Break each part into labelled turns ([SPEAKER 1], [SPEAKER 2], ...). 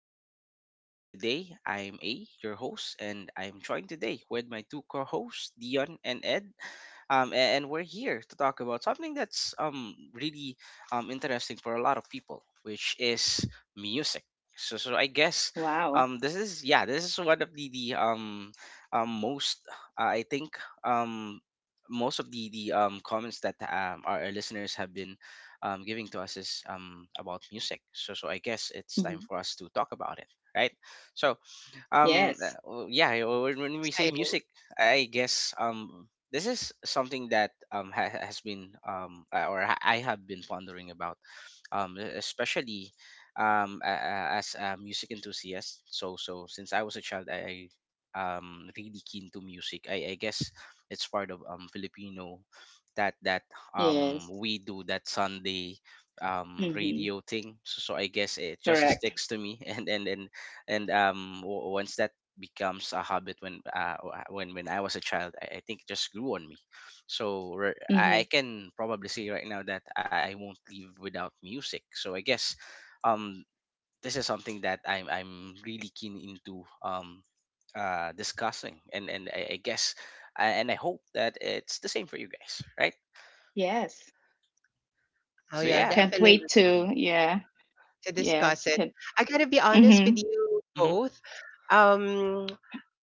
[SPEAKER 1] our podcast session today. I'm A, your host, and I'm joined today with my two co-hosts, Dion and Ed. And we're here to talk about something that's really interesting for a lot of people, which is music. So I guess
[SPEAKER 2] Wow.
[SPEAKER 1] this is, yeah, this is one of the most, I think, most of the comments that our listeners have been giving to us is about music. So I guess it's time
[SPEAKER 2] Mhm.
[SPEAKER 1] for us to talk about it, right? So um uh,
[SPEAKER 2] Yes.
[SPEAKER 1] w- yeah, uh, when we say music,
[SPEAKER 3] Exciting.
[SPEAKER 1] I guess this is something that has been or I have been pondering about, especially, as a music enthusiast. So since I was a child, I really keen to music. I guess it's part of Filipino that
[SPEAKER 2] Yes.
[SPEAKER 1] we do that Sunday
[SPEAKER 2] hmm
[SPEAKER 1] radio thing. So I guess it just
[SPEAKER 2] Correct.
[SPEAKER 1] sticks to me, once that becomes a habit when when I was a child, I think it just grew on me. So I
[SPEAKER 2] Hmm
[SPEAKER 1] can probably say right now that I won't leave without music. So I guess, um, this is something that I'm really keen into, discussing, and I guess, and I hope that it's the same for you guys, right?
[SPEAKER 2] Yes.
[SPEAKER 3] Oh,
[SPEAKER 1] So,
[SPEAKER 3] yeah,
[SPEAKER 2] Yeah.
[SPEAKER 1] yeah.
[SPEAKER 2] Can't
[SPEAKER 3] definitely
[SPEAKER 2] wait
[SPEAKER 1] Hmm.
[SPEAKER 2] to. Yeah.
[SPEAKER 3] to discuss
[SPEAKER 2] Yes.
[SPEAKER 3] it.
[SPEAKER 2] Can.
[SPEAKER 3] I gotta be honest
[SPEAKER 2] Mm-hmm.
[SPEAKER 3] with you
[SPEAKER 1] Hmm.
[SPEAKER 3] both. Um,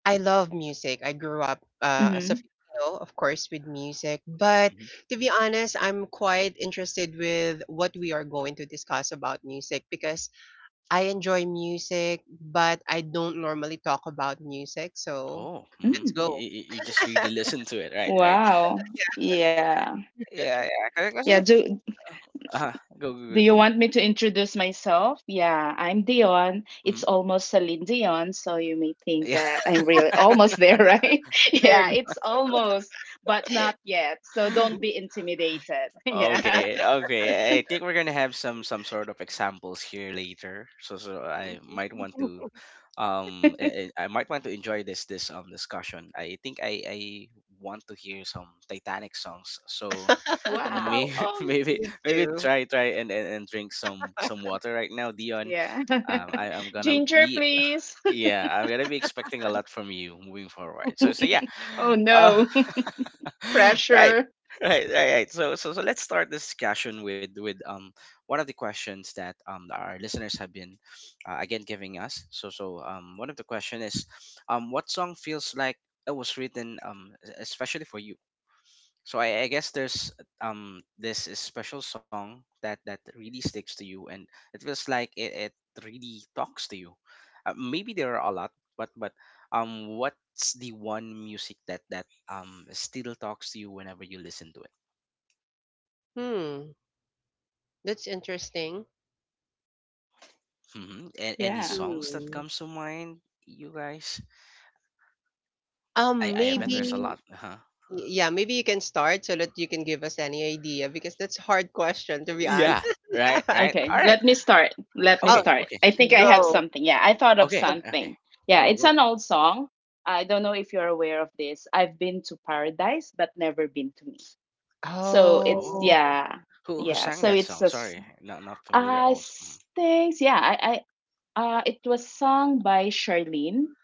[SPEAKER 3] I love music. I grew up as
[SPEAKER 2] Mm-hmm.
[SPEAKER 3] a Filipino, of course, with music. But
[SPEAKER 1] Hmm.
[SPEAKER 3] to be honest, I'm quite interested with what we are going to discuss about music because I enjoy music, but I don't normally talk about music. So
[SPEAKER 1] Oh. Hmm.
[SPEAKER 3] let's
[SPEAKER 2] Mm.
[SPEAKER 1] You,
[SPEAKER 3] go.
[SPEAKER 1] you you just really listen to it, right? Right.
[SPEAKER 2] Wow. Yeah.
[SPEAKER 1] Yeah, yeah.
[SPEAKER 2] Yeah.
[SPEAKER 1] Because
[SPEAKER 2] Do
[SPEAKER 1] uh, go, go, go.
[SPEAKER 2] Do you want me to introduce myself? Yeah. I'm Dion. It's
[SPEAKER 1] Hmm.
[SPEAKER 2] almost Celine Dion, so you may think
[SPEAKER 1] Yeah.
[SPEAKER 2] that I'm really almost there, right? Yeah.
[SPEAKER 3] Nerd.
[SPEAKER 2] It's almost, but not yet. So don't be intimidated. Yeah.
[SPEAKER 1] Okay, okay. I think we're gonna have some sort of examples here later. So I might want to, I might want to enjoy this discussion. I think I want to hear some Titanic songs. So
[SPEAKER 2] Wow.
[SPEAKER 1] maybe
[SPEAKER 2] Oh.
[SPEAKER 1] maybe
[SPEAKER 3] Me
[SPEAKER 1] maybe
[SPEAKER 3] too.
[SPEAKER 1] try and drink some water right now, Dion.
[SPEAKER 2] Yeah.
[SPEAKER 1] I I'm gonna
[SPEAKER 2] Ginger,
[SPEAKER 1] be
[SPEAKER 2] please.
[SPEAKER 1] yeah, I'm gonna be expecting a lot from you moving forward. So yeah.
[SPEAKER 2] Oh
[SPEAKER 1] uh.
[SPEAKER 2] no.
[SPEAKER 1] Right,
[SPEAKER 2] Pressure.
[SPEAKER 1] right, right, right. So let's start this discussion with one of the questions that our listeners have been, again, giving us. So one of the question is, what song feels like it was written, especially for you? So I guess there's, this is special song that really sticks to you, and it feels like it really talks to you. Maybe there are a lot, but what's the one music that still talks to you whenever you listen to it?
[SPEAKER 3] Hmm, that's interesting.
[SPEAKER 1] Hmm. And any
[SPEAKER 2] Yeah.
[SPEAKER 1] songs that
[SPEAKER 3] Mm.
[SPEAKER 1] comes to mind, you guys? I
[SPEAKER 3] Um,
[SPEAKER 1] I bet there's
[SPEAKER 2] Um,
[SPEAKER 1] a
[SPEAKER 3] maybe
[SPEAKER 1] lot, huh?
[SPEAKER 3] yeah, maybe you can start so that you can give us any idea because that's a hard question to be
[SPEAKER 1] Yeah.
[SPEAKER 3] honest.
[SPEAKER 1] Right. Right.
[SPEAKER 2] okay,
[SPEAKER 1] All right.
[SPEAKER 2] let me start. Let me
[SPEAKER 3] Oh,
[SPEAKER 1] Okay.
[SPEAKER 2] start.
[SPEAKER 1] Okay.
[SPEAKER 2] I think I have
[SPEAKER 3] go.
[SPEAKER 2] something. Yeah, I thought of
[SPEAKER 1] Okay.
[SPEAKER 3] Okay.
[SPEAKER 1] Okay.
[SPEAKER 2] something. Yeah,
[SPEAKER 1] Go.
[SPEAKER 2] it's
[SPEAKER 1] Go.
[SPEAKER 2] an old song. I don't know if you're aware of this. I've been to paradise, but never been to me. So it's
[SPEAKER 3] Oh.
[SPEAKER 1] Oh.
[SPEAKER 2] yeah,
[SPEAKER 1] Who
[SPEAKER 2] yeah.
[SPEAKER 1] sang
[SPEAKER 2] So
[SPEAKER 1] that
[SPEAKER 2] it's
[SPEAKER 1] song?
[SPEAKER 2] a s-
[SPEAKER 1] Sorry, not familiar
[SPEAKER 2] I
[SPEAKER 1] also.
[SPEAKER 2] s- thanks. Yeah, I it was sung by Charlene,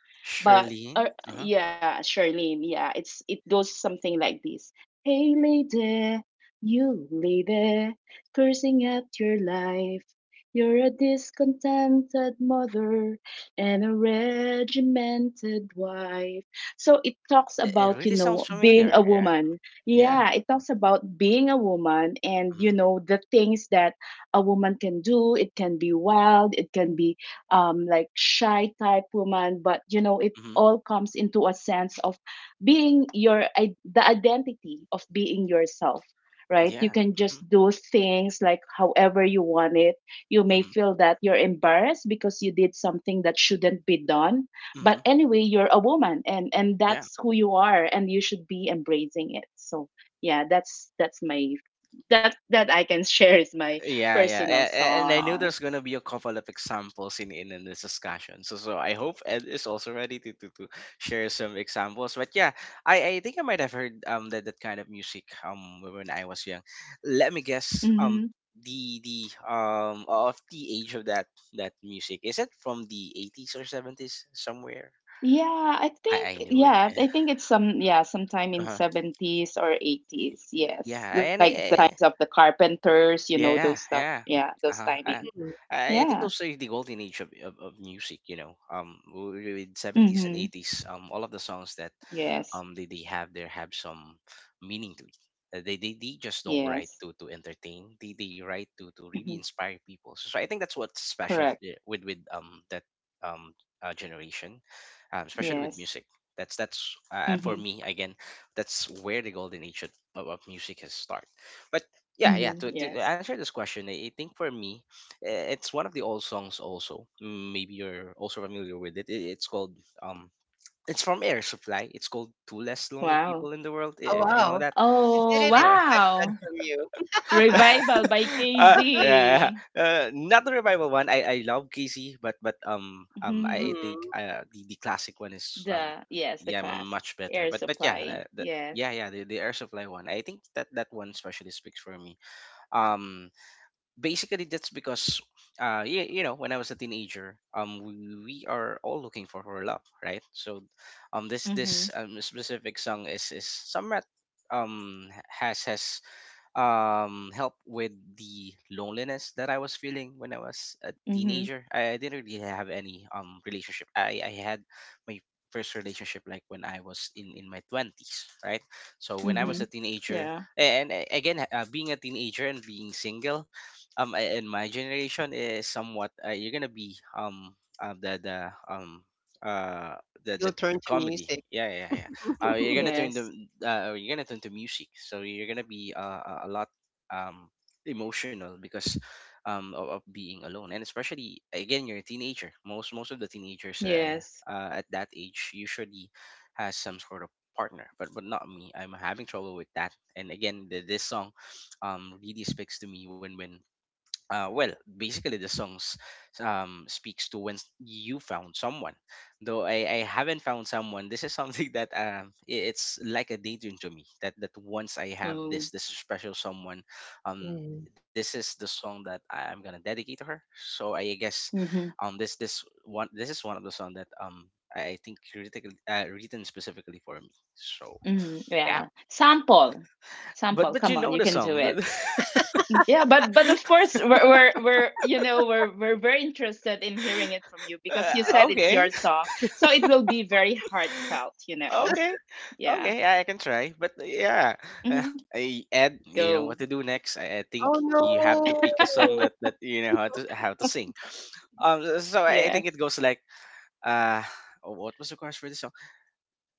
[SPEAKER 2] but
[SPEAKER 1] Shirlene? Uh-huh.
[SPEAKER 2] yeah, Charlene. Yeah, it's it goes something like this. Hey lady, you lady, cursing at your life. You're a discontented mother and a regimented wife. So it talks
[SPEAKER 1] It
[SPEAKER 2] about, you
[SPEAKER 1] really
[SPEAKER 2] know,
[SPEAKER 1] sounds
[SPEAKER 2] being a
[SPEAKER 1] familiar. Yeah.
[SPEAKER 2] woman.
[SPEAKER 1] Yeah.
[SPEAKER 2] Yeah, it talks about being a woman and,
[SPEAKER 1] Mm-hmm.
[SPEAKER 2] you know, the things that a woman can do. It can be wild, it can be like shy type woman, but you know, it
[SPEAKER 1] Mm-hmm.
[SPEAKER 2] all comes into a sense of the identity of being yourself. Right, you
[SPEAKER 1] Yeah.
[SPEAKER 2] can just
[SPEAKER 1] Mm-hmm.
[SPEAKER 2] do things like however you want it. You may
[SPEAKER 1] Mm-hmm.
[SPEAKER 2] feel that you're embarrassed because you did something that shouldn't be done, but
[SPEAKER 1] Hmm.
[SPEAKER 2] anyway you're a woman and
[SPEAKER 1] Yeah.
[SPEAKER 2] that's who you are and you should be embracing it. So yeah, that's my that that I can share is my
[SPEAKER 1] Yeah, yeah. A-
[SPEAKER 2] personal
[SPEAKER 1] a- And I knew
[SPEAKER 2] song.
[SPEAKER 1] there's going to be a couple of examples in this discussion. So I hope Ed is also ready to share some examples. But yeah, I think I might have heard that kind of music when I was young. Let me guess,
[SPEAKER 2] Mm-hmm.
[SPEAKER 1] the of the age of that music. Is it from the 80s or 70s somewhere? I I knew it.
[SPEAKER 2] Yeah,
[SPEAKER 1] Yeah.
[SPEAKER 2] I think it's some yeah, sometime in
[SPEAKER 1] Uh-huh.
[SPEAKER 2] '70s or '80s. Yes.
[SPEAKER 1] Yeah, and
[SPEAKER 2] Like the
[SPEAKER 1] I,
[SPEAKER 2] times of the Carpenters, you know,
[SPEAKER 1] Yeah,
[SPEAKER 2] those stuff.
[SPEAKER 1] yeah.
[SPEAKER 2] Yeah,
[SPEAKER 1] Uh-huh.
[SPEAKER 2] those timing.
[SPEAKER 3] Mm.
[SPEAKER 1] I think those
[SPEAKER 2] Yeah.
[SPEAKER 1] are the golden age of music, you know. With 70s and
[SPEAKER 2] Mhm.
[SPEAKER 1] 80s, all of the songs that
[SPEAKER 2] Yes.
[SPEAKER 1] they have there have some meaning to it. They just don't write
[SPEAKER 2] Yes.
[SPEAKER 1] to entertain. They write to really
[SPEAKER 2] Mhm.
[SPEAKER 1] inspire people. So I think that's what's special,
[SPEAKER 2] Correct.
[SPEAKER 1] with that, generation, especially with
[SPEAKER 2] Yes.
[SPEAKER 1] music. That's for
[SPEAKER 2] Mhm.
[SPEAKER 1] me again. That's where the golden age of music has started. But, yeah
[SPEAKER 2] Mhm.
[SPEAKER 1] to
[SPEAKER 2] Yes.
[SPEAKER 1] answer this question, I think for me, it's one of the old songs also. Mm, maybe you're also familiar with it. It's called, um it's from Air Supply. It's called "Two Less Lonely
[SPEAKER 2] Wow.
[SPEAKER 1] People in the World,"
[SPEAKER 3] Oh
[SPEAKER 1] if you know
[SPEAKER 3] wow.
[SPEAKER 1] that.
[SPEAKER 3] I
[SPEAKER 2] Oh,
[SPEAKER 3] didn't
[SPEAKER 1] so, so-
[SPEAKER 3] expect that
[SPEAKER 2] wow.
[SPEAKER 3] from you.
[SPEAKER 2] Revival by
[SPEAKER 1] yeah, yeah.
[SPEAKER 2] KZ.
[SPEAKER 1] Not the revival one. I love Casey, but
[SPEAKER 2] Mhm.
[SPEAKER 1] I think,
[SPEAKER 3] Mm.
[SPEAKER 1] the classic one is,
[SPEAKER 2] The yes, the
[SPEAKER 1] yeah,
[SPEAKER 2] classic
[SPEAKER 1] much better.
[SPEAKER 2] Air
[SPEAKER 1] But yeah,
[SPEAKER 2] Supply.
[SPEAKER 1] the, yeah
[SPEAKER 2] Yes.
[SPEAKER 1] yeah the Air Supply one. I think that one especially speaks for me. Um basically that's because, you you know, when I was a teenager, we are all looking for love, right? So, this
[SPEAKER 2] Mhm.
[SPEAKER 1] this um, specific song is, somewhat, has help with the loneliness that I was feeling when I was a
[SPEAKER 2] Mhm.
[SPEAKER 1] teenager. I didn't really have any relationship. I had my first relationship like when I was in my 20s, right? So when I was
[SPEAKER 3] Mm.
[SPEAKER 1] a
[SPEAKER 2] Mhm.
[SPEAKER 1] teenager,
[SPEAKER 2] Yeah.
[SPEAKER 1] and again, being a teenager and being single, in my generation is somewhat, you're going to be, uh,
[SPEAKER 3] You'll
[SPEAKER 1] the
[SPEAKER 3] turn to
[SPEAKER 1] comedy.
[SPEAKER 3] music.
[SPEAKER 1] Yeah, yeah, yeah. uh, you're gonna turn the
[SPEAKER 2] Yes,
[SPEAKER 1] you're gonna turn to music, so you're gonna be, a lot um emotional because, of being alone, and especially again, you're a teenager. Most of the teenagers,
[SPEAKER 2] yes.
[SPEAKER 1] at that age, usually has some sort of partner. But not me. I'm having trouble with that. And again, this song really speaks to me when, well, basically the songs, speaks to when, you found someone. Though I haven't found someone, this is something that, it's like a daydream to me. That once I have
[SPEAKER 2] Mm,
[SPEAKER 1] this special someone, um,
[SPEAKER 3] Mm.
[SPEAKER 1] this is the song that I'm gonna dedicate to her. So I guess,
[SPEAKER 2] mhm,
[SPEAKER 1] this is one of the song that, I think, critically, written specifically for me. So
[SPEAKER 2] mhm,
[SPEAKER 1] yeah,
[SPEAKER 2] yeah. Sample,
[SPEAKER 1] but
[SPEAKER 2] sample.
[SPEAKER 1] you
[SPEAKER 2] Come on,
[SPEAKER 1] know
[SPEAKER 2] you
[SPEAKER 1] the
[SPEAKER 2] can do
[SPEAKER 1] song.
[SPEAKER 2] it. Yeah, but of course we're you know we're very interested in hearing it from you because you said it's
[SPEAKER 1] Okay,
[SPEAKER 2] your song, so it will be very heartfelt. You know.
[SPEAKER 1] Okay,
[SPEAKER 2] Yeah.
[SPEAKER 1] okay, I can try. But yeah, uh,
[SPEAKER 2] hmm
[SPEAKER 1] I Ed, you know
[SPEAKER 2] Go.
[SPEAKER 1] what to do next. I think
[SPEAKER 3] Oh
[SPEAKER 1] you have to
[SPEAKER 3] no.
[SPEAKER 1] pick a song that you know how to sing. So I think
[SPEAKER 2] Yes.
[SPEAKER 1] it goes like, uh, what was the chorus for this song?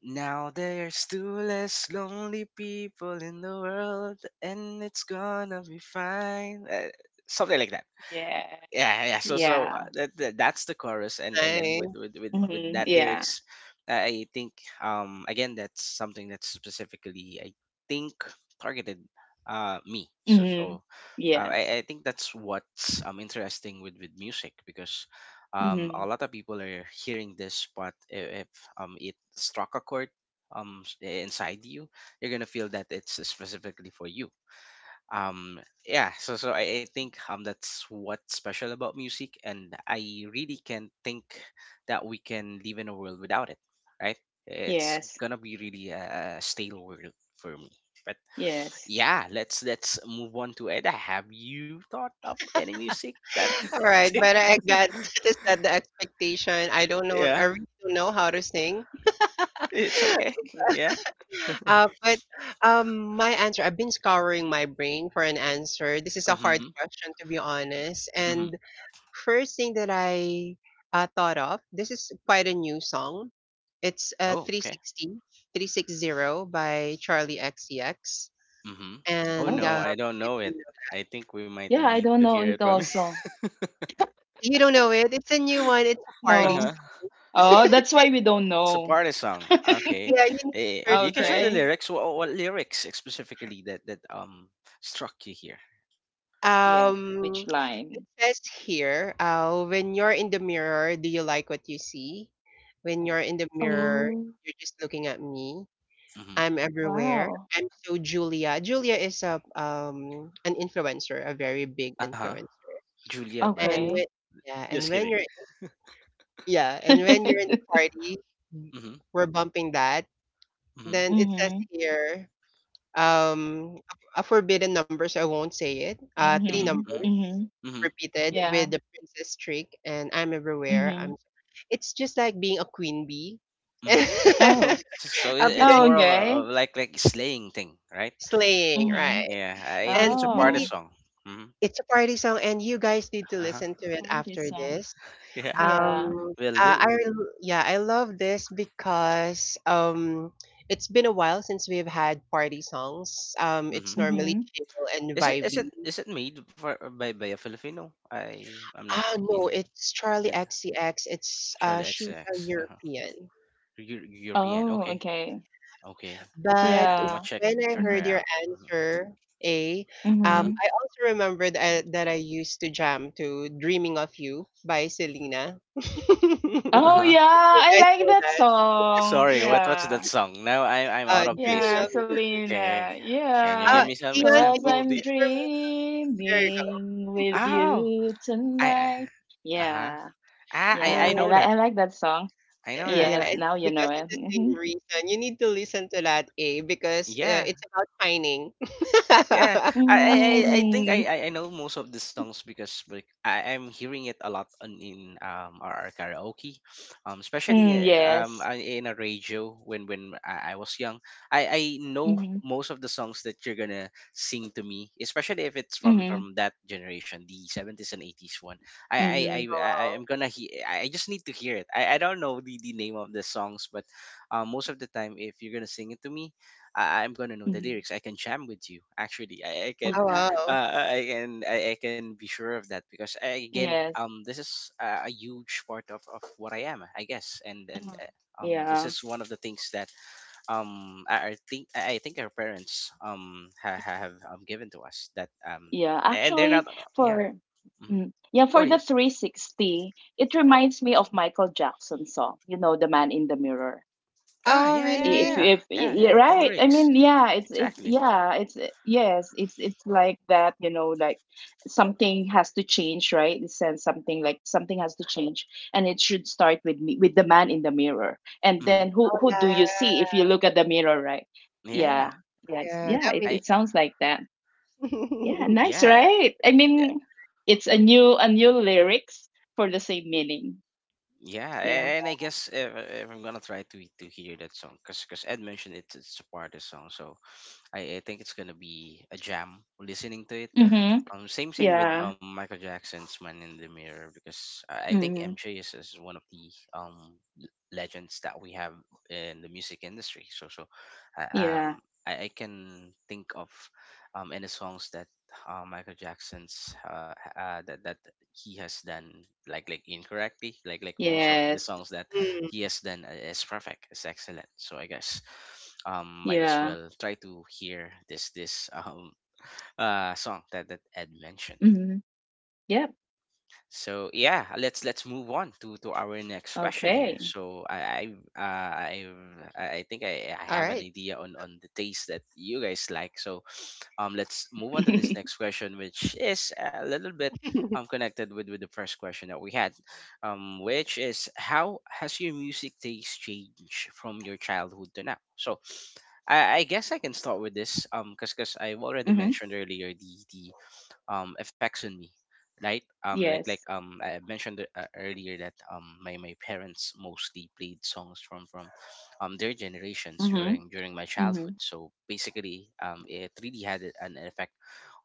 [SPEAKER 1] Now there's two less lonely people in the world, and it's gonna be fine. Something like that.
[SPEAKER 2] Yes.
[SPEAKER 1] Yeah, yeah. so so
[SPEAKER 2] Yeah.
[SPEAKER 1] uh, that, that's the chorus. And then with
[SPEAKER 3] Nice.
[SPEAKER 1] with
[SPEAKER 2] hmm
[SPEAKER 1] that
[SPEAKER 2] Yeah.
[SPEAKER 1] lyrics. I think, again, that's something that's specifically, I think targeted, me. so
[SPEAKER 2] hmm
[SPEAKER 1] so I,
[SPEAKER 2] Yes.
[SPEAKER 1] I think that's what's, interesting with music because, a
[SPEAKER 2] hmm
[SPEAKER 1] lot of people are hearing this, but if it struck a chord, inside you, you're gonna feel that it's specifically for you. Um yeah So I think, that's what's special about music. And I really can't think that we can live in a world without it, right? It's
[SPEAKER 2] Yes.
[SPEAKER 1] gonna be really a stale world for me. But
[SPEAKER 2] Yes.
[SPEAKER 1] yeah, let's move on to Eda. Have you thought of any music that
[SPEAKER 3] All right,
[SPEAKER 1] think-
[SPEAKER 3] but I got to set the expectation. I don't know. I
[SPEAKER 1] yeah.
[SPEAKER 3] really don't know how to sing.
[SPEAKER 1] It's okay.
[SPEAKER 2] Yeah.
[SPEAKER 1] Yeah.
[SPEAKER 3] But my answer, I've been scouring my brain for an answer. This is a
[SPEAKER 1] Mm-hmm.
[SPEAKER 3] hard question, to be honest.
[SPEAKER 1] Mm-hmm.
[SPEAKER 3] And first thing that I thought of, this is quite a new song. It's
[SPEAKER 1] Oh,
[SPEAKER 3] three
[SPEAKER 1] okay.
[SPEAKER 3] sixty three six zero by Charlie XCX.
[SPEAKER 1] Mm-hmm. Oh,
[SPEAKER 3] And
[SPEAKER 2] Oh.
[SPEAKER 1] no, I don't
[SPEAKER 3] if
[SPEAKER 1] know
[SPEAKER 3] you
[SPEAKER 1] it.
[SPEAKER 3] know,
[SPEAKER 1] I think we might
[SPEAKER 2] Yeah, I
[SPEAKER 1] need
[SPEAKER 2] don't
[SPEAKER 1] to
[SPEAKER 2] know
[SPEAKER 1] hear it
[SPEAKER 2] it
[SPEAKER 1] from you.
[SPEAKER 2] also.
[SPEAKER 3] you don't know it, it's a new one. It's a party
[SPEAKER 2] No.
[SPEAKER 1] Uh-huh.
[SPEAKER 3] song.
[SPEAKER 2] Oh, that's why we don't
[SPEAKER 1] It's a
[SPEAKER 2] know.
[SPEAKER 1] party song. Okay.
[SPEAKER 3] Yeah, you need to search
[SPEAKER 1] You can
[SPEAKER 3] for
[SPEAKER 1] share the
[SPEAKER 3] it.
[SPEAKER 2] Okay.
[SPEAKER 1] lyrics. What lyrics specifically that struck you here?
[SPEAKER 2] Yes.
[SPEAKER 3] Um,
[SPEAKER 2] Which
[SPEAKER 3] it
[SPEAKER 2] line?
[SPEAKER 3] says here, when you're in the mirror, do you like what you see? When
[SPEAKER 1] Ooh.
[SPEAKER 3] you're in the
[SPEAKER 1] Mm-hmm.
[SPEAKER 3] mirror,
[SPEAKER 2] Oh,
[SPEAKER 3] you're just looking at me.
[SPEAKER 1] Mm-hmm.
[SPEAKER 3] I'm everywhere.
[SPEAKER 2] wow.
[SPEAKER 3] I'm so Julia. Julia is a an influencer, a very big
[SPEAKER 1] Uh huh.
[SPEAKER 3] influencer.
[SPEAKER 1] Julia
[SPEAKER 3] And
[SPEAKER 1] Barreto.
[SPEAKER 3] when,
[SPEAKER 2] Okay.
[SPEAKER 3] yeah,
[SPEAKER 1] Just
[SPEAKER 3] and when
[SPEAKER 1] kidding.
[SPEAKER 3] you're yeah, and when you're in the party,
[SPEAKER 1] Mm-hmm.
[SPEAKER 3] we're bumping that.
[SPEAKER 1] Mm-hmm.
[SPEAKER 3] Then it says
[SPEAKER 2] Mm-hmm.
[SPEAKER 3] here, um a a forbidden number so I won't say it, three
[SPEAKER 1] Mm-hmm.
[SPEAKER 2] Mm-hmm.
[SPEAKER 3] numbers
[SPEAKER 1] Mm-hmm.
[SPEAKER 2] Mm-hmm.
[SPEAKER 1] Mm-hmm.
[SPEAKER 3] repeated
[SPEAKER 2] Yeah.
[SPEAKER 3] with the princess trick, and I'm everywhere.
[SPEAKER 2] Mm-hmm.
[SPEAKER 3] I'm, it's just like being a queen bee. uh,
[SPEAKER 1] Mm-hmm.
[SPEAKER 2] Oh.
[SPEAKER 1] So it's
[SPEAKER 3] because
[SPEAKER 2] Oh,
[SPEAKER 1] more of a,
[SPEAKER 2] okay.
[SPEAKER 1] of like, slaying thing, right?
[SPEAKER 3] slaying,
[SPEAKER 2] Mm-hmm.
[SPEAKER 3] right?
[SPEAKER 1] Yeah, I
[SPEAKER 3] And
[SPEAKER 1] think it's a
[SPEAKER 3] you
[SPEAKER 1] party
[SPEAKER 3] need,
[SPEAKER 2] Oh.
[SPEAKER 1] song. Mm-hmm.
[SPEAKER 3] it's a party song, and you guys need to
[SPEAKER 1] Uh huh.
[SPEAKER 3] listen to it
[SPEAKER 2] For this
[SPEAKER 3] after
[SPEAKER 2] song.
[SPEAKER 3] this.
[SPEAKER 1] Yeah,
[SPEAKER 2] Yeah.
[SPEAKER 3] um
[SPEAKER 1] will
[SPEAKER 3] uh, i
[SPEAKER 1] do.
[SPEAKER 3] rel- yeah I love this because it's been a while since we've had party songs.
[SPEAKER 1] Mm-hmm.
[SPEAKER 3] It's normally
[SPEAKER 2] Mm-hmm.
[SPEAKER 3] chill and
[SPEAKER 1] Is it is it
[SPEAKER 3] vibey.
[SPEAKER 1] is it made for, by a Filipino? I'm not
[SPEAKER 3] Ah,
[SPEAKER 1] keen.
[SPEAKER 3] no, it's Charlie
[SPEAKER 1] Eh,
[SPEAKER 3] XCX. It's
[SPEAKER 1] Charlie X.
[SPEAKER 3] she's a
[SPEAKER 1] Uh-huh.
[SPEAKER 3] European.
[SPEAKER 1] European.
[SPEAKER 2] Oh,
[SPEAKER 1] Okay,
[SPEAKER 2] okay.
[SPEAKER 1] okay. I I-
[SPEAKER 3] But
[SPEAKER 1] I'm gonna
[SPEAKER 2] Yeah.
[SPEAKER 1] check
[SPEAKER 3] when I
[SPEAKER 1] her
[SPEAKER 2] Mm-hmm.
[SPEAKER 3] heard your
[SPEAKER 1] out. Mhm.
[SPEAKER 3] answer, A,
[SPEAKER 1] Uh huh.
[SPEAKER 2] Mm-hmm.
[SPEAKER 3] I also remembered that I used to jam to "Dreaming of You" by Selena.
[SPEAKER 1] Uh
[SPEAKER 2] Oh,
[SPEAKER 3] You
[SPEAKER 1] huh.
[SPEAKER 2] yeah. I
[SPEAKER 3] guys
[SPEAKER 2] like
[SPEAKER 3] know
[SPEAKER 2] that
[SPEAKER 3] that.
[SPEAKER 2] song.
[SPEAKER 1] Sorry. What's that
[SPEAKER 2] Yeah.
[SPEAKER 1] song? Now I'm out of
[SPEAKER 3] "Dreaming
[SPEAKER 1] place
[SPEAKER 2] Yeah,
[SPEAKER 1] here.
[SPEAKER 3] of You."
[SPEAKER 1] Okay.
[SPEAKER 2] Selena.
[SPEAKER 1] Can you
[SPEAKER 3] Uh,
[SPEAKER 2] Yeah,
[SPEAKER 1] give me some
[SPEAKER 3] Dion,
[SPEAKER 2] cause
[SPEAKER 3] can you
[SPEAKER 1] example?
[SPEAKER 3] sing
[SPEAKER 2] I'm
[SPEAKER 1] The
[SPEAKER 3] it for me? There you go.
[SPEAKER 2] dreaming with
[SPEAKER 1] Oh.
[SPEAKER 2] you
[SPEAKER 1] I
[SPEAKER 2] tonight.
[SPEAKER 1] Uh huh.
[SPEAKER 2] Yeah,
[SPEAKER 1] Ah, I
[SPEAKER 2] yeah.
[SPEAKER 1] I know
[SPEAKER 3] And
[SPEAKER 1] that.
[SPEAKER 2] I like that song.
[SPEAKER 1] I know
[SPEAKER 3] and
[SPEAKER 1] that.
[SPEAKER 3] yeah,
[SPEAKER 2] Yes,
[SPEAKER 3] it's
[SPEAKER 2] now you know
[SPEAKER 3] because of
[SPEAKER 2] it.
[SPEAKER 3] the
[SPEAKER 2] Mm-hmm.
[SPEAKER 3] same reason. You need to listen to that, A, because
[SPEAKER 1] Yeah.
[SPEAKER 3] it's about pining.
[SPEAKER 1] Yeah, I think
[SPEAKER 2] Mm-hmm.
[SPEAKER 1] I know most of the songs because, like, I'm hearing it a lot on, in our karaoke, especially,
[SPEAKER 2] Mm, yes.
[SPEAKER 1] in a radio when I was young. I know
[SPEAKER 2] Mm-hmm.
[SPEAKER 1] most of the songs that you're gonna sing to me, especially if it's from
[SPEAKER 2] Mm-hmm.
[SPEAKER 1] from that generation, the 70s and eighties one. I I I
[SPEAKER 2] Mm-hmm.
[SPEAKER 1] I I
[SPEAKER 3] Wow.
[SPEAKER 1] am gonna he- I just need to hear it. I don't know the name of the songs, but most of the time if you're gonna sing it to me, I'm gonna know the
[SPEAKER 2] Mm-hmm.
[SPEAKER 1] lyrics. I can jam with you. Actually, I
[SPEAKER 3] Oh,
[SPEAKER 1] can,
[SPEAKER 2] Yeah.
[SPEAKER 3] wow.
[SPEAKER 1] I can, I can be sure of that because I, again,
[SPEAKER 2] Yes.
[SPEAKER 1] this is a huge part of what I am, I guess, and
[SPEAKER 2] Uh-huh.
[SPEAKER 1] this
[SPEAKER 2] Yeah.
[SPEAKER 1] is one of the things that I think our parents have given to us that,
[SPEAKER 2] Yeah.
[SPEAKER 1] and they're not,
[SPEAKER 2] Actually,
[SPEAKER 1] yeah.
[SPEAKER 2] for
[SPEAKER 1] Mhm.
[SPEAKER 2] yeah,
[SPEAKER 1] Go
[SPEAKER 2] for
[SPEAKER 1] to you.
[SPEAKER 2] the 360, it reminds me of Michael Jackson's song, you know, The Man in the Mirror.
[SPEAKER 1] Ah,
[SPEAKER 3] Oh,
[SPEAKER 1] yeah, yeah,
[SPEAKER 2] If you
[SPEAKER 3] really?
[SPEAKER 1] yeah,
[SPEAKER 2] if
[SPEAKER 1] yeah,
[SPEAKER 2] Yeah,
[SPEAKER 1] yeah. The
[SPEAKER 2] right,
[SPEAKER 1] lyrics,
[SPEAKER 2] yeah, it's
[SPEAKER 1] exactly.
[SPEAKER 2] yeah, yes, it's like that, you know, like something has to change, right? It says something like something has to change, and it should start with me, with the man in the mirror. And
[SPEAKER 1] Hmm.
[SPEAKER 2] then who
[SPEAKER 3] Oh,
[SPEAKER 2] who do
[SPEAKER 3] yeah.
[SPEAKER 2] you see if you look at the mirror, right?
[SPEAKER 1] Yeah,
[SPEAKER 2] Yeah, yes,
[SPEAKER 3] Yeah,
[SPEAKER 2] yeah,
[SPEAKER 3] that
[SPEAKER 2] it,
[SPEAKER 3] makes
[SPEAKER 1] I,
[SPEAKER 2] it sounds like that. Yeah,
[SPEAKER 3] sense.
[SPEAKER 2] nice,
[SPEAKER 1] yeah.
[SPEAKER 2] right? I mean, it's a new, a new lyrics for the same meaning.
[SPEAKER 1] Yeah,
[SPEAKER 2] Yeah.
[SPEAKER 1] and I guess if I'm gonna try to hear that song, 'cause Ed mentioned it, it's a part of the song, so I think it's gonna be a jam listening to it.
[SPEAKER 2] Mm-hmm.
[SPEAKER 1] Same with
[SPEAKER 2] Yeah.
[SPEAKER 1] Michael Jackson's Man in the Mirror, because I think
[SPEAKER 2] Mm-hmm.
[SPEAKER 1] MJ is one of the um l- legends that we have in the music industry. So so, I,
[SPEAKER 2] Yeah.
[SPEAKER 1] I can think of any songs that Michael Jackson's that he has done like incorrectly, like most of the
[SPEAKER 2] Yes.
[SPEAKER 1] songs that
[SPEAKER 3] Mm.
[SPEAKER 1] he has done is perfect, is excellent. So I guess might as
[SPEAKER 2] Yeah.
[SPEAKER 1] well try to hear this song that that Ed mentioned.
[SPEAKER 2] hmm Yep.
[SPEAKER 1] So yeah, let's move on to our next question
[SPEAKER 2] Okay.
[SPEAKER 1] here. So
[SPEAKER 3] All
[SPEAKER 1] I
[SPEAKER 3] right.
[SPEAKER 1] I uh, I I I think I have an idea on the taste that you guys like. So let's move on to this next question, which is a little bit connected with the first question that we had, which is, how has your music taste changed from your childhood to now? So I guess I can start with this because I've already
[SPEAKER 2] hmm
[SPEAKER 1] mentioned earlier the affects on me, right?
[SPEAKER 2] Yes.
[SPEAKER 1] I mentioned earlier that my, my parents mostly played songs from their generations
[SPEAKER 2] hmm
[SPEAKER 1] during during my
[SPEAKER 2] hmm
[SPEAKER 1] childhood, so basically it really had an effect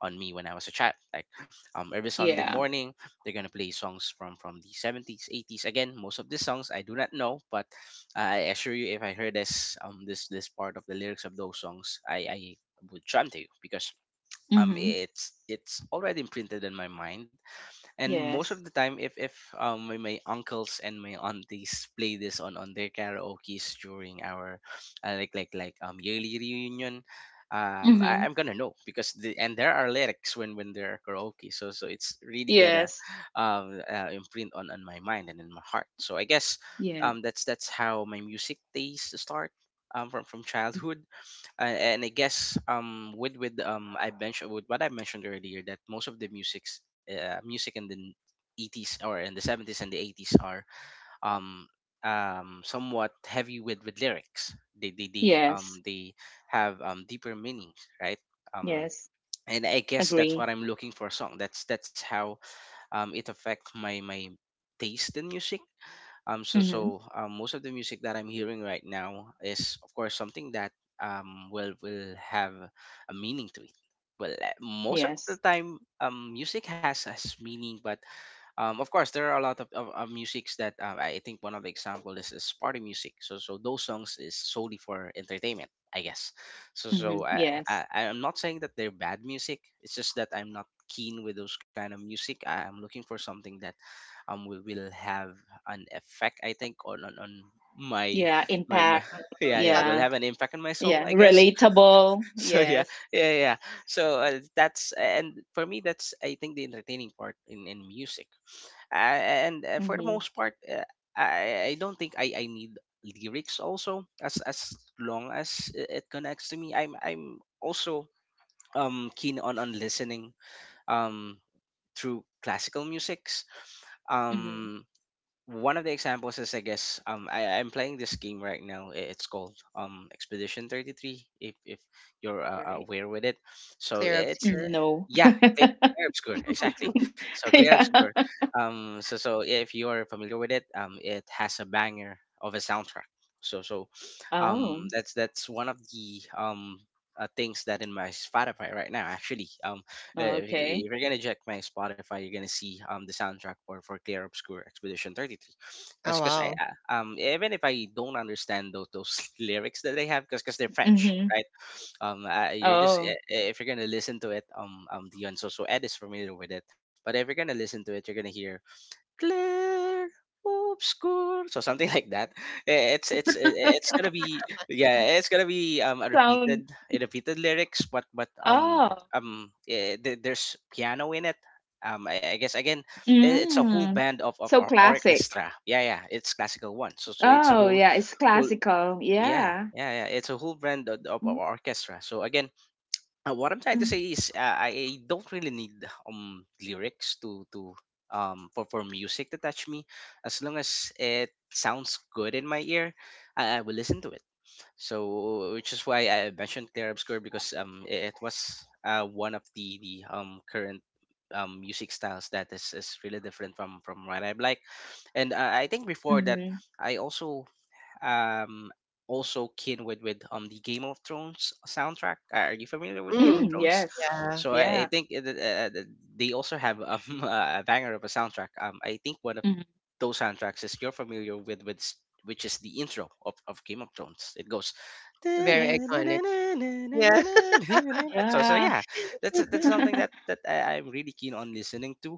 [SPEAKER 1] on me when I was a child, like every Sunday
[SPEAKER 2] Yeah.
[SPEAKER 1] morning they're gonna play songs from the 70s 80s. Again, most of these songs I do not know, but I assure you if I heard this, this part of the lyrics of those songs, I would jump to you because
[SPEAKER 2] hmm
[SPEAKER 1] it's already imprinted in my mind. And most of the
[SPEAKER 2] Yes.
[SPEAKER 1] time if, my, my uncles and my aunties play this on their karaoke's during our yearly reunion,
[SPEAKER 2] hmm
[SPEAKER 1] I'm gonna know because there are lyrics when there are karaoke, so so it's really gonna
[SPEAKER 2] Yes.
[SPEAKER 1] imprint on my mind and in my heart. So I guess
[SPEAKER 2] Yes.
[SPEAKER 1] that's how my music taste start, from childhood. And I guess with I mentioned with what I mentioned earlier that most of the music in the 80s or in the 70s and the 80s are um somewhat heavy with lyrics. They
[SPEAKER 2] Yes.
[SPEAKER 1] they have deeper meanings, right? Um
[SPEAKER 2] Yes.
[SPEAKER 1] and I guess that's what
[SPEAKER 2] Agree.
[SPEAKER 1] I'm looking for a song. That's how it affects my taste in music. So
[SPEAKER 2] Hmm
[SPEAKER 1] so most of the music that I'm hearing right now is, of course, something that will have a meaning to it. Well, most of the
[SPEAKER 2] Yes.
[SPEAKER 1] time, music has meaning, but of course there are a lot of musics that I think one of the example is party music. So so those songs is solely for entertainment, I guess. So
[SPEAKER 2] hmm Yes.
[SPEAKER 1] I'm not saying that they're bad music, it's just that I'm not keen with those kind of music. I'm looking for something that will have an effect, I think, on my,
[SPEAKER 2] Yeah.
[SPEAKER 1] my
[SPEAKER 2] Impact.
[SPEAKER 1] yeah,
[SPEAKER 3] Sub
[SPEAKER 1] will
[SPEAKER 2] Yeah.
[SPEAKER 1] have an impact on my soul,
[SPEAKER 2] Yeah.
[SPEAKER 1] I guess.
[SPEAKER 2] Relatable.
[SPEAKER 1] So yeah,
[SPEAKER 2] Yes.
[SPEAKER 1] yeah, so that's, and for me, that's I think the entertaining part in music. And for the
[SPEAKER 2] hmm
[SPEAKER 1] most part, I don't think I need lyrics also, as long as it connects to me. I'm also keen on listening um through classical musics.
[SPEAKER 2] hmm
[SPEAKER 1] um One of the examples is, I guess, I'm playing this game right now. It's called Expedition 33, if you're
[SPEAKER 2] Right.
[SPEAKER 1] aware with it. So
[SPEAKER 3] clear
[SPEAKER 1] it's
[SPEAKER 2] Mm.
[SPEAKER 3] obscure.
[SPEAKER 2] No.
[SPEAKER 1] yeah, Clear Obscure, exactly. So Clear Obscure,
[SPEAKER 2] Yeah.
[SPEAKER 1] so so if you're familiar with it, it has a banger of a soundtrack. So so
[SPEAKER 2] Oh.
[SPEAKER 1] that's one of the things that in my Spotify right now, actually. Uh, if, you-
[SPEAKER 2] Okay.
[SPEAKER 1] if you're gonna check my Spotify, you're gonna see the soundtrack for Clear Obscure Expedition 33,
[SPEAKER 3] Oh,
[SPEAKER 1] because I
[SPEAKER 3] wow.
[SPEAKER 1] even if I don't understand those lyrics that they have, because they're French,
[SPEAKER 2] hmm
[SPEAKER 1] right? You're just
[SPEAKER 2] Oh.
[SPEAKER 1] if you're gonna listen to it, Dion, so so Ed is familiar with it, but if you're gonna listen to it, you're gonna hear Claire obscure. So something like that. It's it's gonna be, yeah, it's gonna be
[SPEAKER 2] Sound.
[SPEAKER 1] a repeated lyrics, but
[SPEAKER 2] Oh,
[SPEAKER 1] there's piano in it. I guess, again, it's a whole
[SPEAKER 2] mm.
[SPEAKER 1] band of
[SPEAKER 2] So classic.
[SPEAKER 1] orchestra. Yeah, yeah, it's classical one. So so it's a
[SPEAKER 2] Oh,
[SPEAKER 1] whole
[SPEAKER 2] yeah, it's
[SPEAKER 1] whole
[SPEAKER 2] classical.
[SPEAKER 1] yeah,
[SPEAKER 2] Yeah.
[SPEAKER 1] yeah, it's a whole band of
[SPEAKER 2] Mm,
[SPEAKER 1] orchestra. So again, what I'm trying to
[SPEAKER 2] mm,
[SPEAKER 1] say is, I don't really need lyrics to for music to touch me, as long as it sounds good in my ear. I will listen to it. So, which is why I mentioned Claire Obscure, because it was one of the current music styles that is really different from what I like. And I think before that
[SPEAKER 2] Mm-hmm.
[SPEAKER 1] I also um also keen with the Game of Thrones soundtrack. Are you familiar with Game of
[SPEAKER 3] Mm.
[SPEAKER 2] Mm,
[SPEAKER 1] Thrones?
[SPEAKER 2] yes.
[SPEAKER 3] Yeah.
[SPEAKER 1] So I
[SPEAKER 2] Yeah.
[SPEAKER 1] think it, they also have, a banger of a soundtrack. I think one of
[SPEAKER 2] Mhm.
[SPEAKER 1] those soundtracks is, you're familiar with which is the intro of Game of Thrones. It goes
[SPEAKER 3] Very
[SPEAKER 2] Yes.
[SPEAKER 3] iconic. Yeah.
[SPEAKER 1] so so
[SPEAKER 2] Yeah.
[SPEAKER 1] yeah, that's something that that I'm really keen on listening to.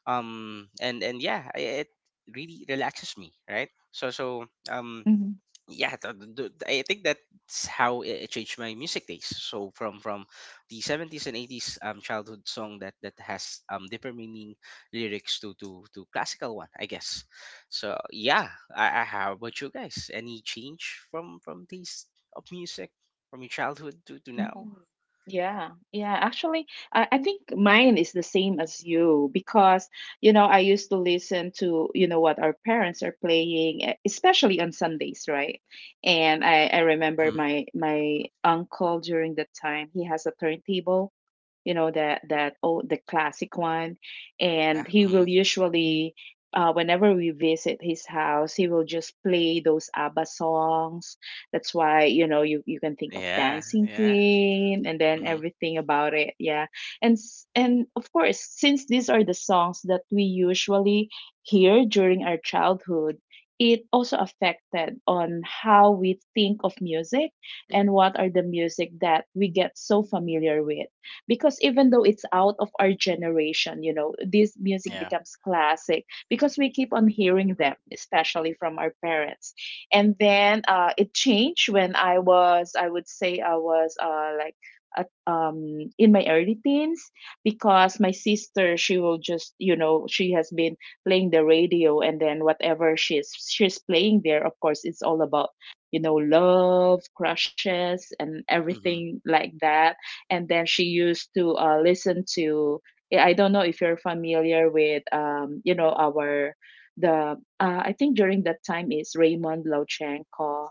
[SPEAKER 1] And yeah, it really relaxes me, right? So so
[SPEAKER 2] Hmm.
[SPEAKER 1] yeah, I think that's how it, it changed my music taste, so from the 70s and 80s childhood song that that has deeper meaning lyrics to classical one, I guess. So yeah, I, how about you guys? Any change from taste of music from your childhood to
[SPEAKER 2] Mm,
[SPEAKER 1] now?
[SPEAKER 2] yeah, yeah. Actually, I think mine is the same as you because, you know, I used to listen to, you know, what our parents are playing, especially on Sundays, right? And I remember
[SPEAKER 1] Mm-hmm.
[SPEAKER 2] my uncle during that time, he has a turntable, you know, that that, oh, the classic one, and
[SPEAKER 1] Yeah.
[SPEAKER 2] he
[SPEAKER 1] Mm-hmm.
[SPEAKER 2] will usually, whenever we visit his house, he will just play those ABBA songs. That's why, you know, you can think of
[SPEAKER 1] Yeah,
[SPEAKER 2] Dancing
[SPEAKER 1] yeah.
[SPEAKER 2] Queen and then
[SPEAKER 1] Mm-hmm.
[SPEAKER 2] everything about it. Yeah. And and of course, since these are the songs that we usually hear during our childhood, it also affected on how we think of music and what are the music that we get so familiar with, because even though it's out of our generation, you know, this music
[SPEAKER 1] Yeah.
[SPEAKER 2] becomes classic because we keep on hearing them, especially from our parents. And then it changed when I was, I would say I was like at, in my early teens, because my sister, she will just, you know, she has been playing the radio, and then whatever she's playing there, of course it's all about, you know, love, crushes and
[SPEAKER 1] Mm-hmm.
[SPEAKER 2] everything like that. And then she used to listen to, yeah, I don't know if you're familiar with you know, our the I think during that time is Raymond Lochenko.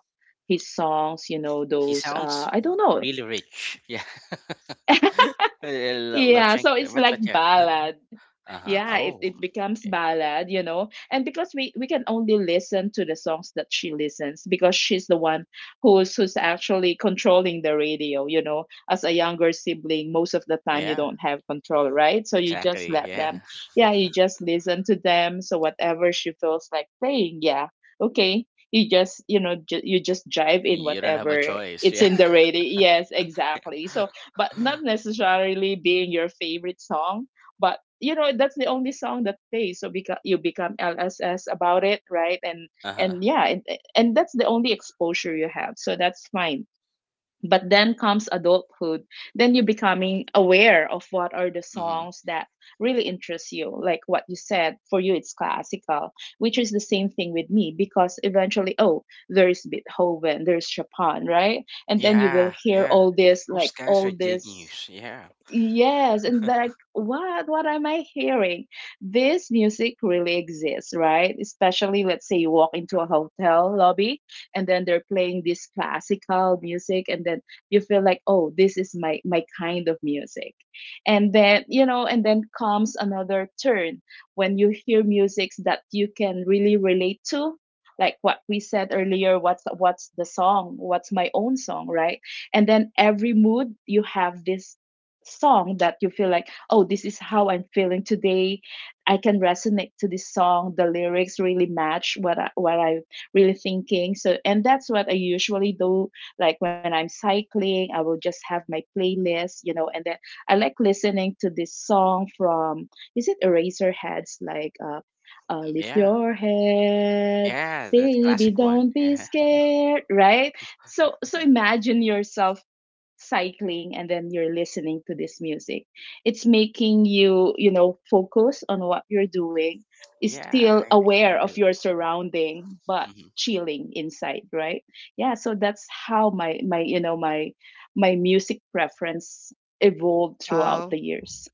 [SPEAKER 2] His songs, you know,
[SPEAKER 1] He
[SPEAKER 2] those,
[SPEAKER 1] sounds
[SPEAKER 2] I don't know.
[SPEAKER 1] really rich, yeah.
[SPEAKER 2] Yeah,
[SPEAKER 1] Lochenko,
[SPEAKER 2] so it's like
[SPEAKER 1] but yeah,
[SPEAKER 2] ballad.
[SPEAKER 1] uh-huh.
[SPEAKER 2] Yeah, it,
[SPEAKER 1] Oh,
[SPEAKER 2] it becomes
[SPEAKER 1] okay.
[SPEAKER 2] ballad, you know, and because we can only listen to the songs that she listens, because she's the one who's actually controlling the radio, you know. As a younger sibling, most of the time you
[SPEAKER 1] Yeah,
[SPEAKER 2] don't have control, right? So you just
[SPEAKER 1] exactly.
[SPEAKER 2] let
[SPEAKER 1] Yeah.
[SPEAKER 2] them, yeah, you just listen to them, so whatever she feels like playing. Yeah, okay, you just, you know, you just drive in
[SPEAKER 1] You don't have a
[SPEAKER 2] whatever
[SPEAKER 1] choice.
[SPEAKER 2] it's
[SPEAKER 1] Yeah.
[SPEAKER 2] in the radio, yes, exactly. So but not necessarily being your favorite song, but you know that's the only song that plays, so because you become lss about it, right? And
[SPEAKER 1] Uh-huh.
[SPEAKER 2] yeah, and that's the only exposure you have, so that's fine. But then comes adulthood, then you're becoming aware of what are the
[SPEAKER 1] Hmm.
[SPEAKER 2] songs that really interest you. Like what you said, for you it's classical, which is the same thing with me, because eventually, oh, there's Beethoven, there's Chopin, right? And then you will
[SPEAKER 1] Yeah,
[SPEAKER 2] hear
[SPEAKER 1] yeah.
[SPEAKER 2] all this,
[SPEAKER 1] Those
[SPEAKER 2] like
[SPEAKER 1] guys
[SPEAKER 2] all
[SPEAKER 1] are
[SPEAKER 2] this.
[SPEAKER 1] genius. Yeah.
[SPEAKER 2] Yes, and like what am I hearing? This music really exists, right? Especially let's say you walk into a hotel lobby, and then they're playing this classical music, and then you feel like, "Oh, this is my my kind of music." And then, you know, and then comes another turn when you hear musics that you can really relate to. Like what we said earlier, what's the song? What's my own song, right? And then every mood you have this song that you feel like, oh, this is how I'm feeling today. I can resonate to this song. The lyrics really match what what I'm really thinking. So, and that's what I usually do. Like when I'm cycling, I will just have my playlist, you know, and then I like listening to this song from, is it Eraserheads? Like, lift
[SPEAKER 1] Yeah.
[SPEAKER 2] your head,
[SPEAKER 1] Yeah, the
[SPEAKER 2] baby,
[SPEAKER 1] classic one.
[SPEAKER 2] don't be
[SPEAKER 1] Yeah.
[SPEAKER 2] scared, right? So, so imagine yourself cycling, and then you're listening to this music, it's making you, you know, focus on what you're doing, is
[SPEAKER 1] Yeah,
[SPEAKER 2] still
[SPEAKER 1] I can
[SPEAKER 2] aware
[SPEAKER 1] relate.
[SPEAKER 2] of your
[SPEAKER 1] Mm-hmm.
[SPEAKER 2] surrounding, but
[SPEAKER 1] Mm-hmm.
[SPEAKER 2] chilling inside, right? Yeah, so that's how my you know my music preference evolved throughout
[SPEAKER 3] Wow.
[SPEAKER 2] the years.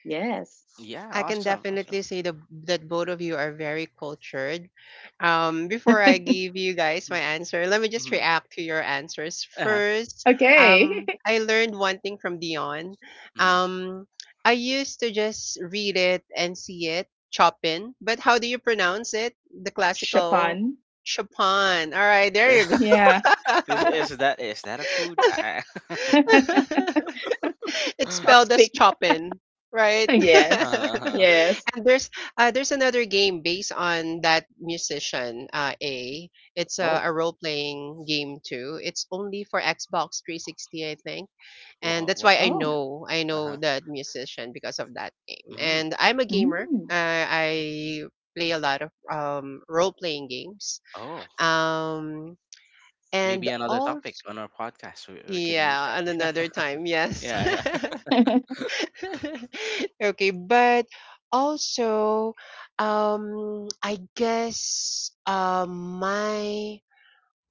[SPEAKER 2] Yes.
[SPEAKER 1] Yeah,
[SPEAKER 3] I can
[SPEAKER 1] awesome, awesome.
[SPEAKER 3] definitely say the that both of you are very cultured. Before I give you guys my answer, let me just
[SPEAKER 1] Mm-hmm.
[SPEAKER 3] react to your answers
[SPEAKER 1] Uh-huh.
[SPEAKER 3] first.
[SPEAKER 2] Okay.
[SPEAKER 3] I learned one thing from Dion.
[SPEAKER 1] Mm-hmm.
[SPEAKER 3] Um, I used to just read it and see it, Chopin. But how do you pronounce it? The classical
[SPEAKER 2] Chopin.
[SPEAKER 3] Chopin. All right, there you go.
[SPEAKER 2] Yeah.
[SPEAKER 1] is, is that, is that a food?
[SPEAKER 3] It's spelled as
[SPEAKER 2] Chopstick.
[SPEAKER 3] Chopin, right?
[SPEAKER 2] Yes.
[SPEAKER 1] Uh-huh.
[SPEAKER 2] Yes.
[SPEAKER 3] and there's another game based on that musician, A. It's
[SPEAKER 1] Oh,
[SPEAKER 3] a role playing game too. It's only for Xbox 360, I think, and that's why
[SPEAKER 1] what game
[SPEAKER 2] Oh,
[SPEAKER 1] is that?
[SPEAKER 3] I know
[SPEAKER 1] Uh-huh.
[SPEAKER 3] that musician because of that game.
[SPEAKER 1] Mm.
[SPEAKER 3] And I'm a gamer.
[SPEAKER 2] mm.
[SPEAKER 3] I play a lot of role playing games.
[SPEAKER 1] Oh,
[SPEAKER 3] Um, and
[SPEAKER 1] maybe another
[SPEAKER 3] all
[SPEAKER 1] topic on our podcast. We can use that.
[SPEAKER 3] yeah, and another time, yes.
[SPEAKER 1] Yeah, yeah.
[SPEAKER 3] Okay, but also, I guess my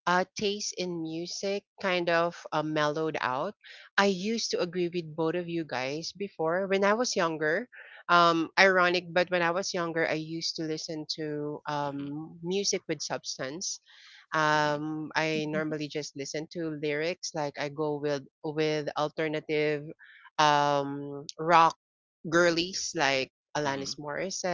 [SPEAKER 3] taste in music kind of mellowed out. I used to agree with both of you guys before when I was younger. Ironic, but when I was younger, I used to listen to
[SPEAKER 1] Hmm.
[SPEAKER 3] music with substance.
[SPEAKER 1] Hmm.
[SPEAKER 3] I
[SPEAKER 2] Mhm.
[SPEAKER 3] normally just listen to lyrics. Like I go with alternative rock girlies like Alanis
[SPEAKER 1] Hmm.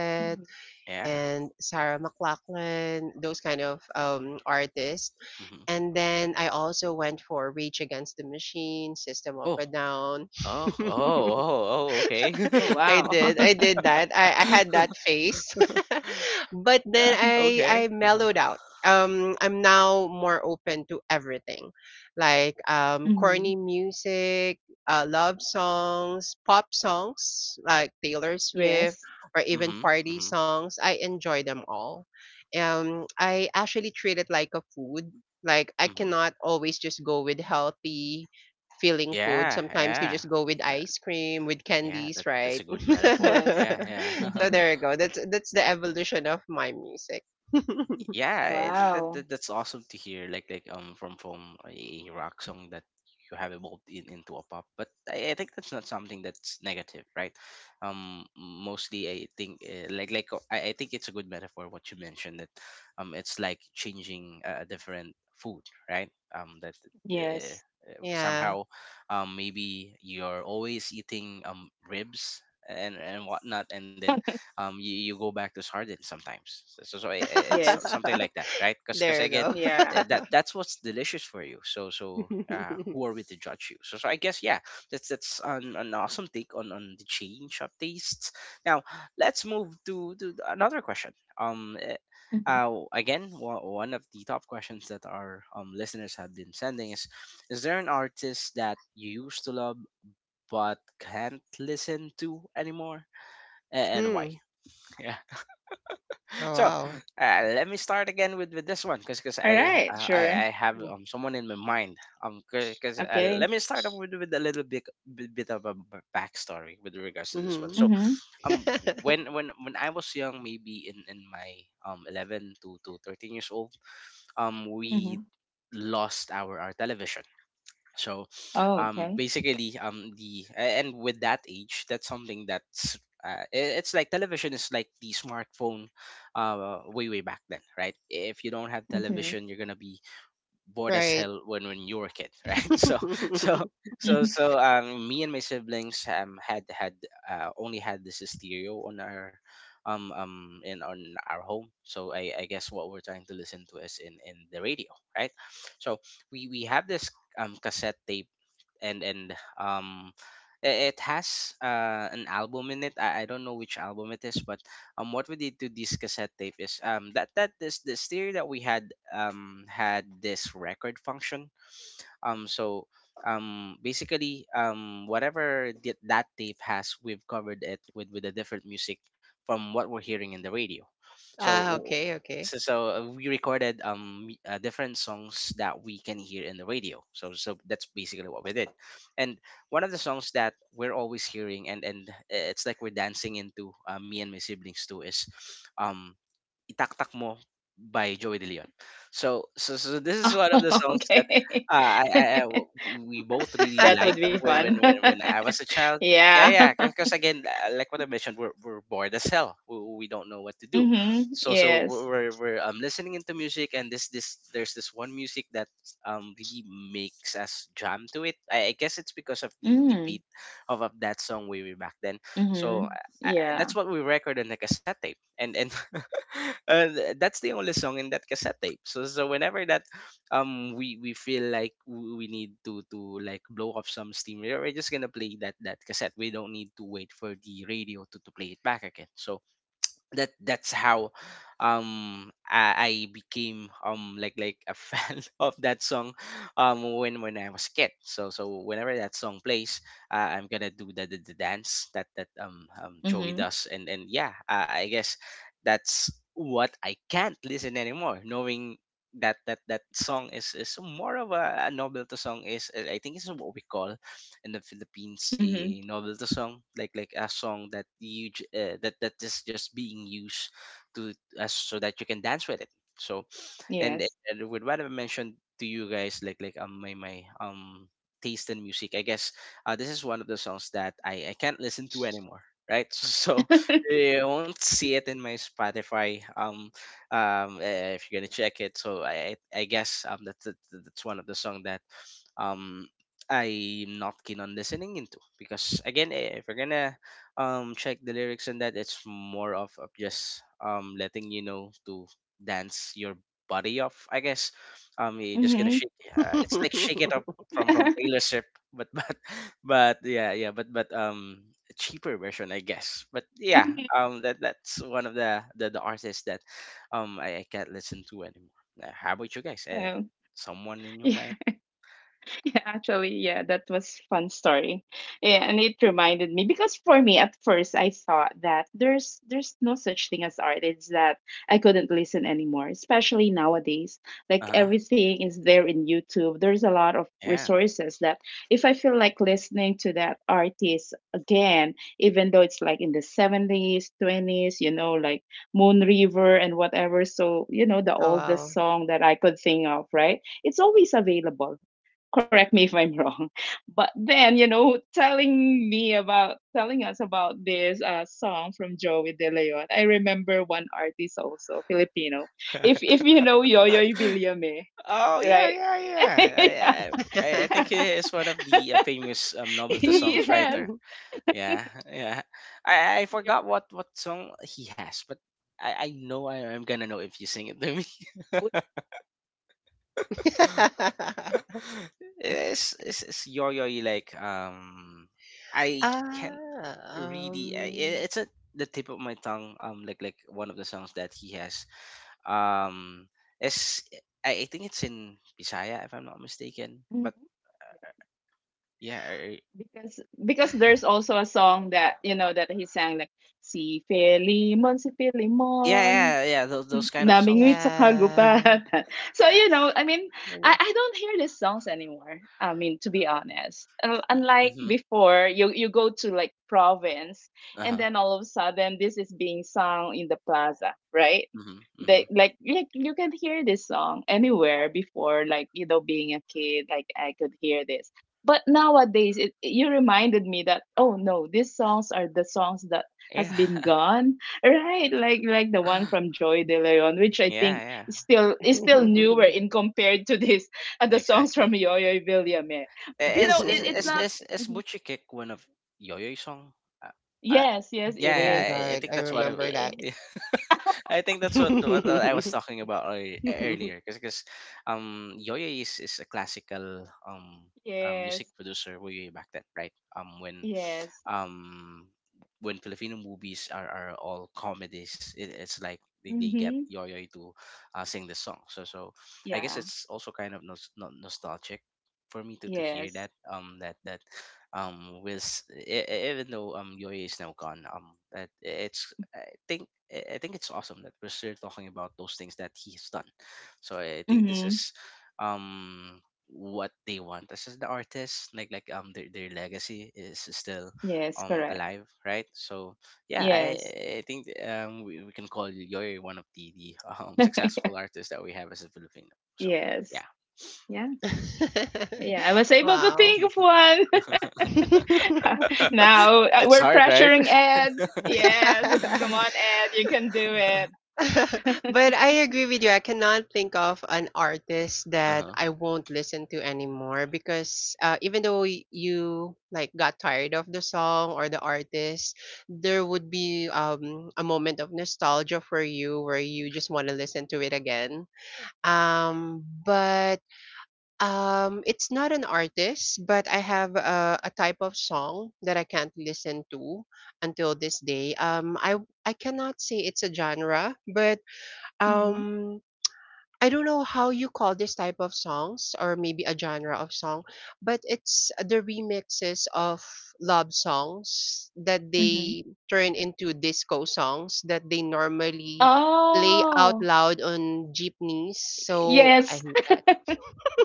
[SPEAKER 2] Mhm.
[SPEAKER 1] Yeah.
[SPEAKER 3] and Sarah McLachlan, those kind of artists.
[SPEAKER 1] Hmm.
[SPEAKER 3] And then I also went for Rage Against the Machine, System of
[SPEAKER 1] Oh,
[SPEAKER 3] a Down.
[SPEAKER 1] oh, oh, oh, oh. Okay.
[SPEAKER 2] Oh,
[SPEAKER 3] I
[SPEAKER 2] wow.
[SPEAKER 3] did. I did that. I had that face. but then
[SPEAKER 1] Okay.
[SPEAKER 3] I mellowed out. I'm now more open to everything, like
[SPEAKER 2] Mhm.
[SPEAKER 3] corny music, love songs, pop songs like Taylor Swift,
[SPEAKER 2] Yes.
[SPEAKER 3] or
[SPEAKER 1] Hmm.
[SPEAKER 3] even
[SPEAKER 1] Hmm.
[SPEAKER 3] party songs. I enjoy them all. I actually treat it like a food. Like I
[SPEAKER 1] Hmm.
[SPEAKER 3] cannot always just go with healthy feeling food.
[SPEAKER 1] Yeah,
[SPEAKER 3] Sometimes you
[SPEAKER 1] yeah.
[SPEAKER 3] just go with
[SPEAKER 1] That,
[SPEAKER 3] ice cream, with
[SPEAKER 1] yeah,
[SPEAKER 3] candies,
[SPEAKER 1] that, that's
[SPEAKER 3] right?
[SPEAKER 1] a good metaphor.
[SPEAKER 2] Yes.
[SPEAKER 1] Yeah, yeah.
[SPEAKER 3] So there you go. That's the evolution of my music.
[SPEAKER 1] Yeah, I think that,
[SPEAKER 2] Wow.
[SPEAKER 1] that that's awesome to hear, like like from a rock song that you have evolved into a pop. But I think that's not something that's negative, right? Mostly I think, like I think it's a good metaphor what you mentioned, that it's like changing a different food, right? That uh,
[SPEAKER 2] Yes.
[SPEAKER 3] Yeah.
[SPEAKER 1] Somehow, maybe you're always eating, ribs and whatnot, and then you go back to sardines sometimes.
[SPEAKER 2] Yes.
[SPEAKER 1] Something like that, right? Because
[SPEAKER 3] There you
[SPEAKER 1] again,
[SPEAKER 3] go.
[SPEAKER 2] Yeah.
[SPEAKER 1] that's what's delicious for you. So who are we to judge you? So I guess, yeah, that's an awesome take on the change of tastes. Now let's move to another question. um eh,
[SPEAKER 2] hmm
[SPEAKER 1] Again, one of the top questions that our, listeners have been sending is there an artist that you used to love but can't listen to anymore? And why?
[SPEAKER 3] Hmm.
[SPEAKER 1] Yeah.
[SPEAKER 3] Oh
[SPEAKER 1] So,
[SPEAKER 3] wow.
[SPEAKER 1] let me start again with this one, because
[SPEAKER 2] All right. Sure.
[SPEAKER 1] I have someone in my mind because,
[SPEAKER 2] Okay.
[SPEAKER 1] let me start off with a little bit of a backstory with regards to this one.
[SPEAKER 3] Mm-hmm.
[SPEAKER 1] So
[SPEAKER 2] Mm-hmm.
[SPEAKER 1] um when I was young, maybe in my 11 to 13 years old, we
[SPEAKER 2] Mm-hmm.
[SPEAKER 1] lost our television. So
[SPEAKER 2] Oh, okay.
[SPEAKER 1] basically, and with that age, that's something that's, it's like television is like the smartphone, way back then, right? If you don't have
[SPEAKER 2] Okay.
[SPEAKER 1] television, you're gonna be bored as
[SPEAKER 3] Right.
[SPEAKER 1] hell when you were a kid, right? So so
[SPEAKER 2] Mhm.
[SPEAKER 1] me and my siblings had, only had this stereo on our in on our home. So I guess what we're trying to listen to is in the radio, right? So we have this cassette tape, and it has, an album in it. I don't know which album it is, but what we did to this cassette tape is that that this stereo that we had had this record function. um, so Basically, whatever that tape has, we've covered it with a different music from what we're hearing in the radio. So
[SPEAKER 3] Ah,
[SPEAKER 1] w-
[SPEAKER 3] okay, okay.
[SPEAKER 1] so, so, we recorded, different songs that we can hear in the radio. So that's basically what we did. And one of the songs that we're always hearing, it's like we're dancing into, me and my siblings too, is um Itaktak Mo by Joey De Leon. So, so, so this is one of the
[SPEAKER 2] Oh,
[SPEAKER 1] songs that,
[SPEAKER 2] okay.
[SPEAKER 1] we both really
[SPEAKER 2] That
[SPEAKER 1] like
[SPEAKER 2] would be fun.
[SPEAKER 1] when I was a child. Yeah,
[SPEAKER 2] Yeah.
[SPEAKER 1] yeah, because again, like what I mentioned, we're bored as hell. We don't know what to do.
[SPEAKER 2] Mm-hmm.
[SPEAKER 1] So, so we're,
[SPEAKER 2] Yes.
[SPEAKER 1] listening into music, and there's this one music that really makes us jam to it. I guess it's because of the
[SPEAKER 2] Mm.
[SPEAKER 1] beat of that song way, way back then.
[SPEAKER 2] Mm-hmm.
[SPEAKER 1] So,
[SPEAKER 2] Yeah.
[SPEAKER 1] that's what we record on the cassette tape and that's the only song in that cassette tape. So whenever that, we feel like we need to like blow off some steam, we're just gonna play that cassette. We don't need to wait for the radio to play it back again. So that's how I became like a fan of that song when I was a kid. So whenever that song plays, I'm gonna do the, the dance that Joey
[SPEAKER 2] Mm-hmm.
[SPEAKER 1] does, and yeah, I guess that's what I can't listen anymore, knowing that song is more of a novelty song. I think it's what we call in the Philippines,
[SPEAKER 2] Mm-hmm.
[SPEAKER 1] a novelty song, like a song that that is just being used to, as so that you can dance with it. So, and,
[SPEAKER 2] Yes.
[SPEAKER 1] and with what I mentioned to you guys, like my taste in music, I guess, this is one of the songs that I can't listen to anymore. Right? So you won't see it in my Spotify. If you're gonna check it, so I guess that's that's one of the song that um I'm not keen on listening into. Because again, if you're gonna check the lyrics and that, it's more of just letting you know to dance your body off. I guess you're just gonna
[SPEAKER 2] Mm-hmm.
[SPEAKER 1] shake. It's like Shake It Up from Taylor Swift, but but yeah yeah but a cheaper version, I guess. But yeah,
[SPEAKER 2] Mm-hmm.
[SPEAKER 1] that that's one of the the artists that I can't listen to anymore. How about you guys?
[SPEAKER 2] Oh.
[SPEAKER 1] Someone in your mind?
[SPEAKER 2] Yeah, actually, yeah, that was fun story. Yeah, and it reminded me, because for me at first I thought that there's no such thing as art. It's that I couldn't listen anymore, especially nowadays.
[SPEAKER 1] Uh
[SPEAKER 2] Like
[SPEAKER 1] huh.
[SPEAKER 2] everything is there in YouTube. There's a lot of
[SPEAKER 1] Yeah.
[SPEAKER 2] resources that if I feel like listening to that artist again, even though it's like in the '70s, '20s, you know, like Moon River and whatever, so you know the
[SPEAKER 3] Oh
[SPEAKER 2] oldest
[SPEAKER 3] wow.
[SPEAKER 2] song that I could think of, right? It's always available, correct me if I'm wrong. But then, you know, telling me about telling us about this song from Joey De Leon, I remember one artist also, Filipino. If you know Yoyoy Biliame,
[SPEAKER 1] Oh yeah,
[SPEAKER 2] right?
[SPEAKER 1] yeah, yeah. I,
[SPEAKER 2] Yeah,
[SPEAKER 1] I
[SPEAKER 2] yeah.
[SPEAKER 1] think he is one of the, famous, novelty songs
[SPEAKER 2] Yes.
[SPEAKER 1] writer. Yeah, yeah. I forgot what song he has, but I know I am gonna know if you sing it to me. It's, it's yo yo like I can't
[SPEAKER 3] Ah,
[SPEAKER 1] really,
[SPEAKER 3] um
[SPEAKER 1] it's at the tip of my tongue. Like one of the songs that he has, um it's I think it's in Bisaya if I'm not mistaken,
[SPEAKER 2] Mhm.
[SPEAKER 1] but yeah,
[SPEAKER 2] Because there's also a song that you know that he sang like si
[SPEAKER 1] yeah,
[SPEAKER 2] Filimon
[SPEAKER 1] yeah, yeah,
[SPEAKER 2] N
[SPEAKER 1] those kind of songs.
[SPEAKER 2] Namingwit sa
[SPEAKER 3] yeah.
[SPEAKER 2] kagubatan. So, you know, I mean, I don't hear these songs anymore. I mean, to be honest, unlike
[SPEAKER 1] Mm-hmm.
[SPEAKER 2] before, you go to like province,
[SPEAKER 1] Uh
[SPEAKER 2] and
[SPEAKER 1] huh.
[SPEAKER 2] then all of a sudden, this is being sung in the plaza, right?
[SPEAKER 1] Mm-hmm. Mm-hmm.
[SPEAKER 2] They like you can hear this song anywhere before, being a kid, like I could hear this. But nowadays, you reminded me that oh no, these songs are the songs that has
[SPEAKER 1] Yeah.
[SPEAKER 2] been gone. Right, like the one from Joy De Leon, which I think
[SPEAKER 1] Yeah,
[SPEAKER 2] is still newer in compared to this
[SPEAKER 1] yeah,
[SPEAKER 2] the songs
[SPEAKER 1] exactly.
[SPEAKER 2] from Yoyoy Villame. You
[SPEAKER 1] Is
[SPEAKER 2] know, it's not.
[SPEAKER 1] is
[SPEAKER 2] Mhm.
[SPEAKER 1] Butchie Kick one of Yo-Yo's song? Uh, uh,
[SPEAKER 2] Yes,
[SPEAKER 3] Oh
[SPEAKER 2] yes, it
[SPEAKER 1] yeah,
[SPEAKER 3] oh
[SPEAKER 1] yeah,
[SPEAKER 3] my
[SPEAKER 2] is.
[SPEAKER 1] I
[SPEAKER 3] god,
[SPEAKER 1] think
[SPEAKER 3] I
[SPEAKER 1] that's what
[SPEAKER 2] I-
[SPEAKER 1] I,
[SPEAKER 3] remember
[SPEAKER 2] I-
[SPEAKER 3] that.
[SPEAKER 1] yeah, I think that's what I was talking about earlier. Because Yo-Yo is a classical, music
[SPEAKER 2] Yes,
[SPEAKER 1] producer way back then, right?
[SPEAKER 2] yes.
[SPEAKER 1] Um when Filipino movies are all comedies, it, it's like they get
[SPEAKER 2] Mm-hmm.
[SPEAKER 1] Yoyoy to, sing the song. So I guess
[SPEAKER 2] Yeah.
[SPEAKER 1] it's also kind of nostalgic for me to hear
[SPEAKER 2] Yes.
[SPEAKER 1] that, that with, even though Yoyoy is now gone, that it's I think, I think it's awesome that we're still talking about those things that he has done. So I think this
[SPEAKER 2] Mm-hmm.
[SPEAKER 1] is um what they want. This is the artist, like their legacy is still
[SPEAKER 2] Yes. Correct.
[SPEAKER 1] alive, right? So yeah, i
[SPEAKER 2] Yes.
[SPEAKER 1] i think we can call Yoy one of the successful artists that we have as a Filipino. So
[SPEAKER 2] Yes.
[SPEAKER 1] yeah.
[SPEAKER 2] Yeah. Yeah, I was able to
[SPEAKER 3] Wow.
[SPEAKER 2] think of one. Now
[SPEAKER 1] It's
[SPEAKER 2] we're
[SPEAKER 1] hard, right?
[SPEAKER 2] pressuring Ed. Yes, come on, Ed, you can do it.
[SPEAKER 3] But I agree with you. I cannot think of an artist that
[SPEAKER 1] Uh-huh.
[SPEAKER 3] I won't listen to anymore because even though you like got tired of the song or the artist, there would be a moment of nostalgia for you where you just want to listen to it again. But um, it's not an artist, but I have a type of song that I can't listen to until this day. I cannot say it's a genre, but
[SPEAKER 2] hmm
[SPEAKER 3] um, I don't know how you call this type of songs or maybe a genre of song, but it's the remixes of love songs that
[SPEAKER 2] hmm
[SPEAKER 3] they turn into disco songs that they normally play out
[SPEAKER 2] Oh,
[SPEAKER 3] loud on jeepneys. So
[SPEAKER 2] yes,
[SPEAKER 3] I hate that.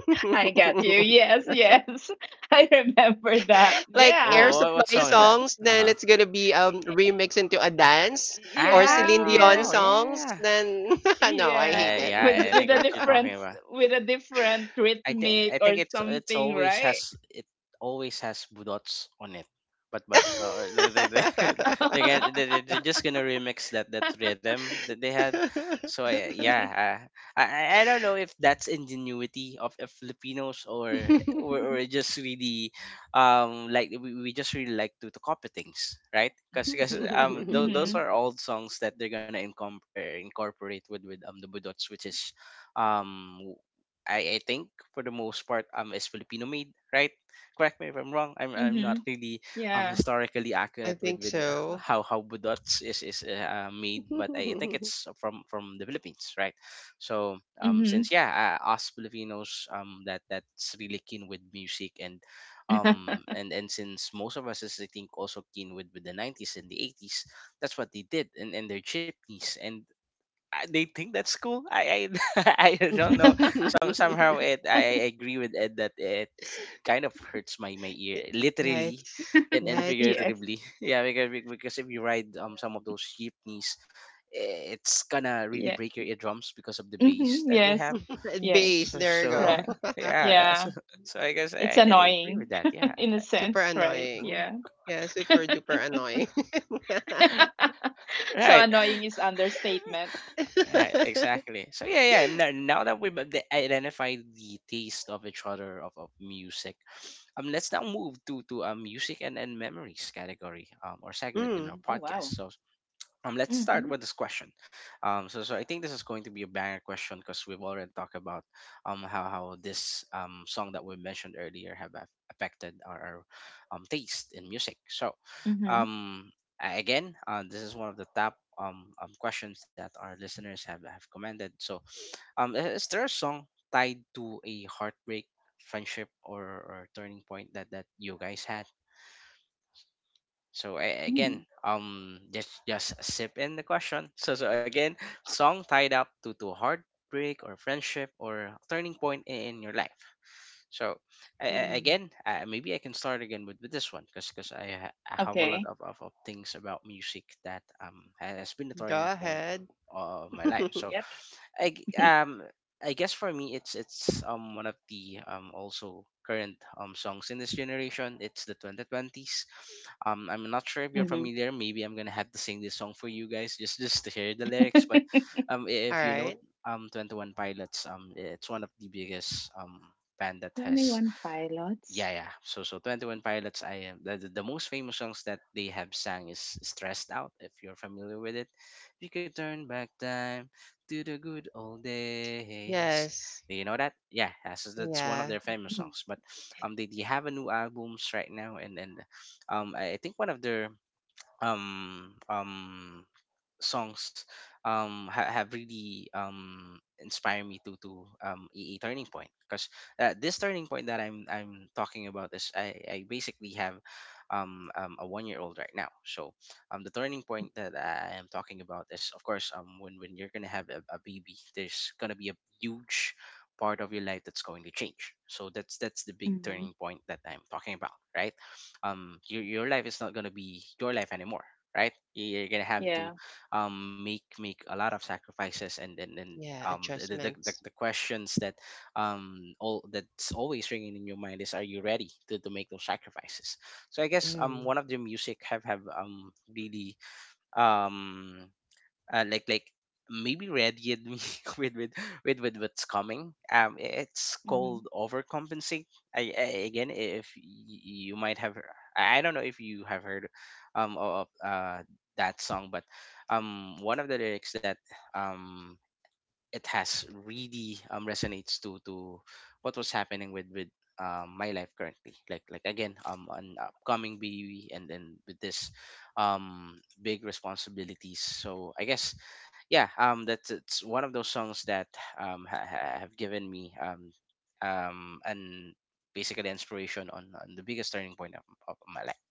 [SPEAKER 2] I got you. Yes, yes, I remember that.
[SPEAKER 3] Like Air
[SPEAKER 2] Yeah,
[SPEAKER 1] Oh, what
[SPEAKER 3] Supply
[SPEAKER 1] song is that?
[SPEAKER 3] songs, then
[SPEAKER 1] Uh-huh.
[SPEAKER 3] it's gonna be remixed into a dance, or
[SPEAKER 2] yes,
[SPEAKER 3] Celine Dion
[SPEAKER 1] Oh
[SPEAKER 2] yes,
[SPEAKER 3] songs,
[SPEAKER 1] yeah.
[SPEAKER 3] then no, I hate
[SPEAKER 1] uh,
[SPEAKER 2] yeah.
[SPEAKER 3] it.
[SPEAKER 2] With
[SPEAKER 1] yeah, I
[SPEAKER 2] with
[SPEAKER 1] think
[SPEAKER 2] a
[SPEAKER 1] what you're talking
[SPEAKER 2] different
[SPEAKER 1] about,
[SPEAKER 2] with a different rhythmic
[SPEAKER 1] I
[SPEAKER 2] or
[SPEAKER 1] think it's
[SPEAKER 2] something,
[SPEAKER 1] always
[SPEAKER 2] right?
[SPEAKER 1] has it, always has budots on it. But they they're just gonna remix that rhythm that they had. So yeah,
[SPEAKER 2] Mm-hmm.
[SPEAKER 1] I don't know if that's ingenuity of Filipinos, or or just really, like we just really like to copy things, right? Because those are old songs that they're gonna incorporate with the budots, which is um I think for the most part is Filipino made, right? Correct me if I'm wrong. I'm
[SPEAKER 2] Mm-hmm.
[SPEAKER 1] not really
[SPEAKER 2] Yeah.
[SPEAKER 1] historically
[SPEAKER 3] I
[SPEAKER 1] accurate with
[SPEAKER 3] think so.
[SPEAKER 1] how budots is made, but I think it's from the Philippines, right? So
[SPEAKER 2] Mm-hmm.
[SPEAKER 1] since yeah, us Filipinos, that's really keen with music and and since most of us is, I think, also keen with the 90s and the 80s, that's what they did and their chipneys, and they think that's cool. I, I don't know. Somehow it, I agree with Ed that it kind of hurts my ear,
[SPEAKER 3] Yeah,
[SPEAKER 1] literally
[SPEAKER 3] it's
[SPEAKER 1] and
[SPEAKER 3] yeah, it's
[SPEAKER 2] Yes.
[SPEAKER 1] figuratively. Yeah, because because if you ride some of those jeepneys, it's gonna really
[SPEAKER 2] Yeah.
[SPEAKER 1] break your eardrums because of the bass
[SPEAKER 2] Mhm.
[SPEAKER 1] that they have.
[SPEAKER 2] Yes. Yes.
[SPEAKER 3] bass.
[SPEAKER 1] So,
[SPEAKER 3] There you
[SPEAKER 1] so
[SPEAKER 3] go.
[SPEAKER 2] Correct.
[SPEAKER 1] yeah, yeah.
[SPEAKER 2] Yeah.
[SPEAKER 1] So, so I guess
[SPEAKER 2] It's
[SPEAKER 1] I can agree
[SPEAKER 2] annoying
[SPEAKER 1] with that. Yeah.
[SPEAKER 2] in a
[SPEAKER 3] Super
[SPEAKER 2] sense, right?
[SPEAKER 3] annoying.
[SPEAKER 2] Yeah.
[SPEAKER 3] Yeah, super duper annoying.
[SPEAKER 2] So
[SPEAKER 1] Right.
[SPEAKER 2] annoying is understatement.
[SPEAKER 1] Right, exactly. So yeah, yeah. Now, now that we've identified the taste of each other of music, um, let's now move to music and memories category, or segment in
[SPEAKER 3] Mm.
[SPEAKER 1] our
[SPEAKER 2] Oh, wow.
[SPEAKER 1] podcast. So let's start
[SPEAKER 2] Mm-hmm.
[SPEAKER 1] with this question. So I think this is going to be a banger question because we've already talked about how this song that we mentioned earlier have affected our, taste in music. So
[SPEAKER 2] Mm-hmm.
[SPEAKER 1] um again, this is one of the top, questions that our listeners have commented. So is there a song tied to a heartbreak, friendship, or turning point that you guys had? So again,
[SPEAKER 2] Mm.
[SPEAKER 1] just sip in the question. So again, song tied up to heartbreak or friendship or turning point in your life. So
[SPEAKER 3] Hmm.
[SPEAKER 1] Maybe I can start again with, this one because I have a lot
[SPEAKER 2] Okay.
[SPEAKER 1] of things about music that has been the
[SPEAKER 3] Go
[SPEAKER 1] turning point
[SPEAKER 3] ahead.
[SPEAKER 1] of my life.
[SPEAKER 3] All
[SPEAKER 1] So
[SPEAKER 2] Yep.
[SPEAKER 1] I g- um I guess for me, it's one of the also current songs in this generation. It's the 2020s. I'm not sure if you're
[SPEAKER 2] Mm-hmm.
[SPEAKER 1] familiar. Maybe I'm gonna have to sing this song for you guys, just to hear the lyrics. But if you know
[SPEAKER 3] right.
[SPEAKER 1] 21 Pilots, it's one of the biggest band that has
[SPEAKER 2] 21 pilots.
[SPEAKER 1] yeah, so 21 pilots. I am The most famous songs that they have sang is Stressed Out, if you're familiar with it. "You could turn back time to the good old days."
[SPEAKER 3] Yes.
[SPEAKER 1] Do you know that? Yeah, that's one of
[SPEAKER 3] Yeah.
[SPEAKER 1] their famous
[SPEAKER 2] Mm-hmm.
[SPEAKER 1] songs. But they have a new albums right now. And I think one of their um um songs have really inspired me to a turning point. Because this turning point that I'm talking about is I basically have a 1-year-old old right now. So the turning point that I am talking about is, of course, when you're gonna have a baby, there's gonna be a huge part of your life that's going to change. So that's the big
[SPEAKER 2] Mm-hmm.
[SPEAKER 1] turning point that I'm talking about, right? Your life is not gonna be your life anymore, right? You're gonna have to
[SPEAKER 2] Yeah.
[SPEAKER 1] make a lot of sacrifices. and and, and
[SPEAKER 3] Yeah.
[SPEAKER 1] um
[SPEAKER 3] Adjustments.
[SPEAKER 1] the questions that all that's always ringing in your mind is, are you ready to make those sacrifices? So I guess
[SPEAKER 3] Mm.
[SPEAKER 1] one of the music have really um uh, like like maybe readied me with, with with what's coming. It's
[SPEAKER 2] Mm-hmm.
[SPEAKER 1] called Overcompensate. I again, if you might have, I don't know if you have heard, of that song. But one of the lyrics that um it has really resonates to what was happening with my life currently, like again an upcoming baby and then with this big responsibilities. So I guess yeah, that's it's one of those songs that have given me and basically inspiration on the biggest turning point of my life.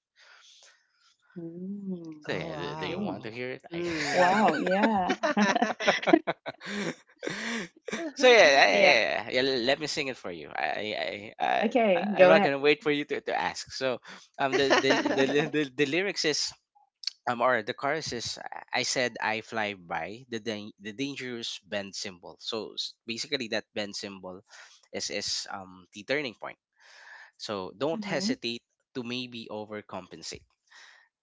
[SPEAKER 2] Mm.
[SPEAKER 1] So
[SPEAKER 3] Oh,
[SPEAKER 1] yeah, do, do you
[SPEAKER 2] Okay.
[SPEAKER 3] wow.
[SPEAKER 1] want to hear it? I,
[SPEAKER 3] Mm.
[SPEAKER 2] Wow. Yeah.
[SPEAKER 1] so yeah, yeah, yeah,
[SPEAKER 2] Yeah.
[SPEAKER 1] yeah, yeah, let me sing it for you.
[SPEAKER 2] Okay.
[SPEAKER 1] I'm
[SPEAKER 2] Go
[SPEAKER 1] not
[SPEAKER 2] ahead.
[SPEAKER 1] gonna wait for you to ask. So, the lyrics is or the chorus is, "I said I fly by the the dangerous bend symbol." So basically, that bend symbol is the turning point. So don't
[SPEAKER 2] Mm-hmm.
[SPEAKER 1] hesitate to maybe overcompensate.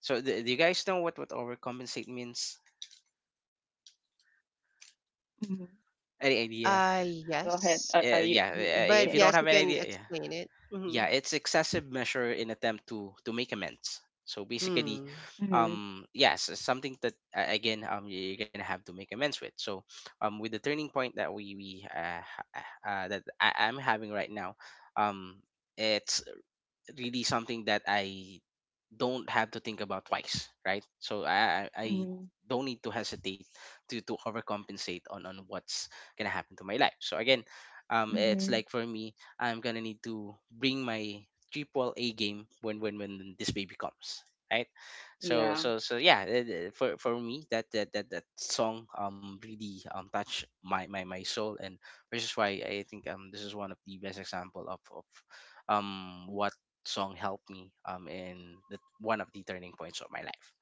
[SPEAKER 1] So do, do you guys know what overcompensate means?
[SPEAKER 2] Mm-hmm.
[SPEAKER 1] Any idea?
[SPEAKER 3] Uh,
[SPEAKER 2] Go ahead.
[SPEAKER 3] yes.
[SPEAKER 2] Are you
[SPEAKER 1] Yeah.
[SPEAKER 3] Mm, but
[SPEAKER 1] If
[SPEAKER 2] okay?
[SPEAKER 1] you don't
[SPEAKER 3] yes, you
[SPEAKER 1] have any
[SPEAKER 3] can
[SPEAKER 1] idea, yeah.
[SPEAKER 3] explain it. Mm-hmm.
[SPEAKER 1] Yeah, it's excessive measure in attempt to make amends. So basically,
[SPEAKER 3] Mm.
[SPEAKER 2] Mhm.
[SPEAKER 1] yes, it's something that again you're gonna have to make amends with. So with the turning point that that I, I'm having right now, um it's really something that I don't have to think about twice, right? So I I
[SPEAKER 2] Mhm.
[SPEAKER 1] I don't need to hesitate to overcompensate on what's gonna happen to my life. So again, it's like
[SPEAKER 2] Mhm.
[SPEAKER 1] for me, I'm gonna need to bring my triple A game when this baby comes, right? So
[SPEAKER 2] Yeah.
[SPEAKER 1] so so yeah, for me, that song really touched my soul. And which is why I think this is one of the best example of what song helped me in the one of the turning points of my life.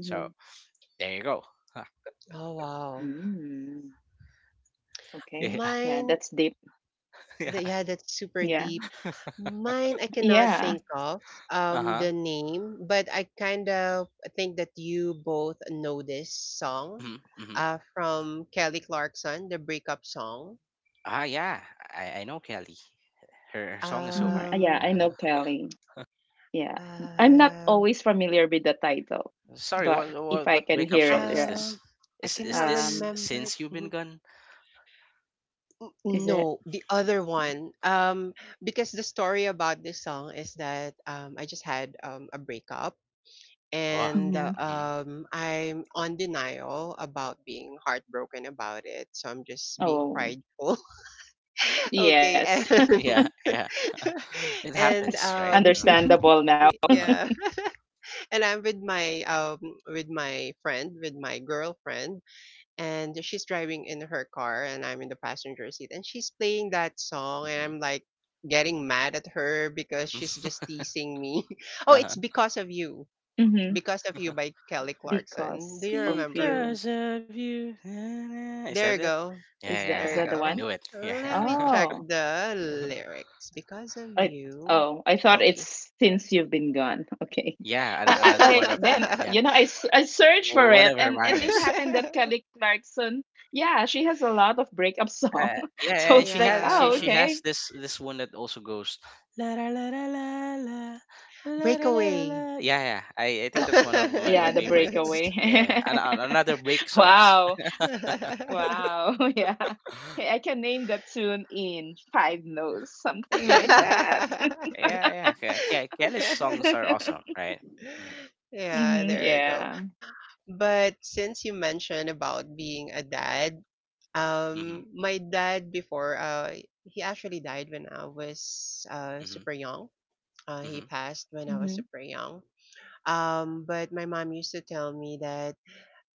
[SPEAKER 1] So there you go.
[SPEAKER 3] Oh, wow.
[SPEAKER 2] Mm. Okay.
[SPEAKER 1] Yeah,
[SPEAKER 2] Yeah,
[SPEAKER 3] Mine,
[SPEAKER 2] that's deep.
[SPEAKER 3] th-
[SPEAKER 1] yeah.
[SPEAKER 3] yeah, that's super
[SPEAKER 2] Yeah.
[SPEAKER 3] deep. Mine, I cannot
[SPEAKER 2] Yeah.
[SPEAKER 3] think of
[SPEAKER 1] Uh huh.
[SPEAKER 3] the name, but I kind of think that you both know this song
[SPEAKER 1] Mhm. Mhm.
[SPEAKER 3] from Kelly Clarkson, the breakup song.
[SPEAKER 1] Ah, yeah. I know Kelly. Her song is so
[SPEAKER 2] Mhm.
[SPEAKER 1] high.
[SPEAKER 2] Yeah,
[SPEAKER 3] Um
[SPEAKER 2] I know
[SPEAKER 1] Uh-huh.
[SPEAKER 2] Kelly. Yeah. I'm not
[SPEAKER 3] uh,
[SPEAKER 2] always familiar with the title,
[SPEAKER 1] Sorry.
[SPEAKER 2] but
[SPEAKER 1] What
[SPEAKER 2] if
[SPEAKER 1] what
[SPEAKER 2] I
[SPEAKER 1] what
[SPEAKER 2] can
[SPEAKER 1] breakup
[SPEAKER 2] hear
[SPEAKER 1] song
[SPEAKER 2] it,
[SPEAKER 1] is
[SPEAKER 3] uh,
[SPEAKER 1] this?
[SPEAKER 3] I
[SPEAKER 1] Is
[SPEAKER 3] cannot
[SPEAKER 2] yeah.
[SPEAKER 1] this
[SPEAKER 3] remember it.
[SPEAKER 1] Since You've Been
[SPEAKER 3] Mhm.
[SPEAKER 1] Gone?
[SPEAKER 2] Is it?
[SPEAKER 3] No, the other one. Because the story about this song is that I just had a breakup,
[SPEAKER 1] Oh.
[SPEAKER 3] and
[SPEAKER 2] Mhm.
[SPEAKER 1] Mm-hmm.
[SPEAKER 3] I'm on denial about being heartbroken about it. So I'm just being
[SPEAKER 2] Oh,
[SPEAKER 3] prideful. Okay, and
[SPEAKER 2] yes.
[SPEAKER 1] Yeah. Yeah. It
[SPEAKER 3] and
[SPEAKER 1] happens, right? Uh huh.
[SPEAKER 2] Understandable now.
[SPEAKER 1] Uh huh.
[SPEAKER 3] yeah, and I'm with my friend, with my girlfriend, and she's driving in her car, and I'm in the passenger seat, and she's playing that song, and I'm like getting mad at her because she's just
[SPEAKER 1] Mm-hmm.
[SPEAKER 3] teasing me. Oh,
[SPEAKER 1] uh
[SPEAKER 3] it's
[SPEAKER 1] huh.
[SPEAKER 3] because of you.
[SPEAKER 2] Mhm.
[SPEAKER 3] Because of You by Kelly
[SPEAKER 2] Because
[SPEAKER 3] Clarkson. Do you
[SPEAKER 2] of
[SPEAKER 3] remember?
[SPEAKER 2] you.
[SPEAKER 1] Because of you. Na-na. Is that
[SPEAKER 3] There you
[SPEAKER 1] it?
[SPEAKER 3] go.
[SPEAKER 1] Yeah,
[SPEAKER 2] Is
[SPEAKER 3] There you
[SPEAKER 2] that the
[SPEAKER 1] yeah. I
[SPEAKER 2] one?
[SPEAKER 3] go.
[SPEAKER 1] knew it.
[SPEAKER 3] Let me
[SPEAKER 1] Yeah.
[SPEAKER 3] check
[SPEAKER 2] Oh.
[SPEAKER 3] the lyrics. Because of
[SPEAKER 2] I
[SPEAKER 3] you,
[SPEAKER 2] Oh, I thought
[SPEAKER 3] Kelly.
[SPEAKER 2] it's since you've been gone. Okay,
[SPEAKER 1] yeah,
[SPEAKER 2] yeah.
[SPEAKER 1] another one
[SPEAKER 2] I
[SPEAKER 1] of
[SPEAKER 2] then
[SPEAKER 1] yeah,
[SPEAKER 2] I searched for
[SPEAKER 1] one
[SPEAKER 2] it,
[SPEAKER 1] of her
[SPEAKER 2] and it, it
[SPEAKER 1] mangas.
[SPEAKER 2] happened that Kelly Clarkson. Yeah, she has a lot of breakup song,
[SPEAKER 1] Yeah,
[SPEAKER 2] so
[SPEAKER 1] and
[SPEAKER 2] it's like
[SPEAKER 1] she
[SPEAKER 2] oh
[SPEAKER 1] she
[SPEAKER 3] Yeah.
[SPEAKER 1] has
[SPEAKER 2] okay.
[SPEAKER 1] this one that also goes la la la la la la la la la la.
[SPEAKER 3] Breakaway.
[SPEAKER 1] La." Yeah, yeah. I think
[SPEAKER 2] Oh,
[SPEAKER 1] that's one of my
[SPEAKER 2] yeah,
[SPEAKER 1] my
[SPEAKER 2] the
[SPEAKER 1] favorites.
[SPEAKER 2] breakaway.
[SPEAKER 1] Yeah, yeah. Another break songs.
[SPEAKER 2] Wow, wow, yeah. Okay, I can name that tune in five notes, something like
[SPEAKER 1] Yeah,
[SPEAKER 2] that.
[SPEAKER 1] yeah, yeah. Kelly's songs are awesome, right? Mm-hmm,
[SPEAKER 3] Yeah,
[SPEAKER 2] Hmm
[SPEAKER 3] there you
[SPEAKER 2] yeah.
[SPEAKER 3] go. But since you mentioned about being a dad,
[SPEAKER 1] mm-hmm,
[SPEAKER 3] my dad before, he actually died when I was
[SPEAKER 1] mm-hmm.
[SPEAKER 3] super young. He
[SPEAKER 1] Mm-hmm.
[SPEAKER 3] passed when I was
[SPEAKER 2] Hmm.
[SPEAKER 3] super young. But my mom used to tell me that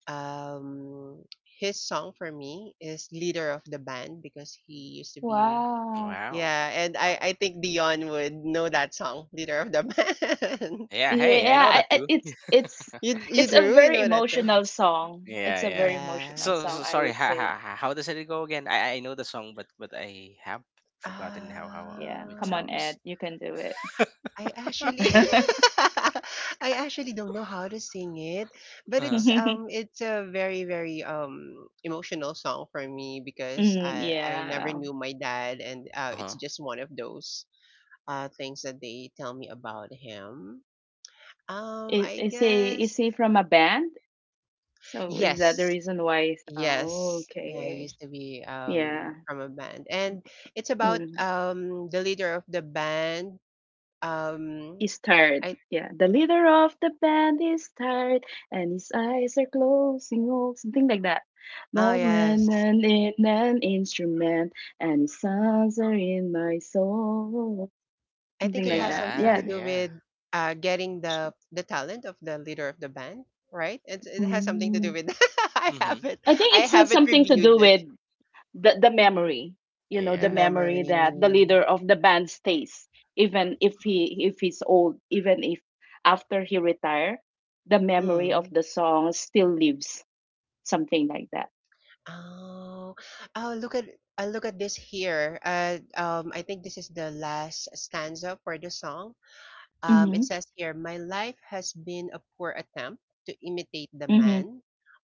[SPEAKER 3] um, his song for me is leader of the band because he used to be
[SPEAKER 2] Wow.
[SPEAKER 1] Wow.
[SPEAKER 3] yeah,
[SPEAKER 1] Wow.
[SPEAKER 3] and I
[SPEAKER 1] Oh,
[SPEAKER 3] think Dion would know that song, leader of the band.
[SPEAKER 1] yeah, hey, I
[SPEAKER 2] Yeah,
[SPEAKER 1] know that too.
[SPEAKER 2] it's
[SPEAKER 3] You
[SPEAKER 2] a
[SPEAKER 3] do you
[SPEAKER 2] very
[SPEAKER 3] know that too?
[SPEAKER 2] emotional song. It's
[SPEAKER 1] Yeah,
[SPEAKER 2] a very
[SPEAKER 1] yeah.
[SPEAKER 2] emotional
[SPEAKER 3] Yeah.
[SPEAKER 1] So,
[SPEAKER 2] song,
[SPEAKER 1] so
[SPEAKER 2] I
[SPEAKER 1] sorry.
[SPEAKER 2] would say.
[SPEAKER 1] How does it go again? I know the song, but I have forgotten how
[SPEAKER 2] Yeah,
[SPEAKER 1] it
[SPEAKER 2] come on,
[SPEAKER 3] Um,
[SPEAKER 2] Ed,
[SPEAKER 1] sounds.
[SPEAKER 2] you can do it.
[SPEAKER 3] I actually I actually don't know how to sing it, but
[SPEAKER 1] Uh huh.
[SPEAKER 3] it's a very very emotional song for me because
[SPEAKER 2] Mm,
[SPEAKER 3] I never
[SPEAKER 2] yeah.
[SPEAKER 3] knew my dad, and
[SPEAKER 1] Uh
[SPEAKER 3] it's
[SPEAKER 1] huh.
[SPEAKER 3] just one of those things that they tell me about him.
[SPEAKER 2] Is,
[SPEAKER 3] I
[SPEAKER 2] is he is
[SPEAKER 3] guess
[SPEAKER 2] he from a band? So is that the
[SPEAKER 3] yes.
[SPEAKER 2] reason why? Oh,
[SPEAKER 3] Yes. Yeah, I
[SPEAKER 2] okay.
[SPEAKER 3] used to be
[SPEAKER 2] Yeah.
[SPEAKER 3] from a band, and it's about
[SPEAKER 2] Mm.
[SPEAKER 3] the leader of the band um
[SPEAKER 2] Is tired.
[SPEAKER 3] I
[SPEAKER 2] Yeah, the leader of the band is tired, and his eyes are closing, oh, something like that.
[SPEAKER 3] oh
[SPEAKER 2] But nan
[SPEAKER 3] yes
[SPEAKER 2] nan in an instrument, and his songs are in my soul,
[SPEAKER 3] I think
[SPEAKER 2] something
[SPEAKER 3] it
[SPEAKER 2] like
[SPEAKER 3] has
[SPEAKER 2] that.
[SPEAKER 3] something
[SPEAKER 1] Yeah,
[SPEAKER 3] to
[SPEAKER 2] Yeah,
[SPEAKER 3] do
[SPEAKER 1] yeah.
[SPEAKER 3] with getting the talent of the leader of the band, right? It has something to do
[SPEAKER 2] mm.
[SPEAKER 3] with. I
[SPEAKER 1] Mhm.
[SPEAKER 3] haven't
[SPEAKER 2] I think
[SPEAKER 3] I
[SPEAKER 2] it has
[SPEAKER 3] haven't
[SPEAKER 2] something to
[SPEAKER 3] reviewed
[SPEAKER 2] do with
[SPEAKER 3] this.
[SPEAKER 2] the memory. You know,
[SPEAKER 3] The
[SPEAKER 2] the
[SPEAKER 1] Yeah.
[SPEAKER 2] memory that the
[SPEAKER 3] memory.
[SPEAKER 2] leader of the band stays, even if he's old, even if after he retire, the memory of
[SPEAKER 3] Hmm.
[SPEAKER 2] the song still lives. Something like that.
[SPEAKER 3] Oh, oh! Look at I look at this here. I think this is the last stanza for the song.
[SPEAKER 2] Mm-hmm.
[SPEAKER 3] It says here, "My life has been a poor attempt to imitate the
[SPEAKER 2] Mm-hmm.
[SPEAKER 3] man."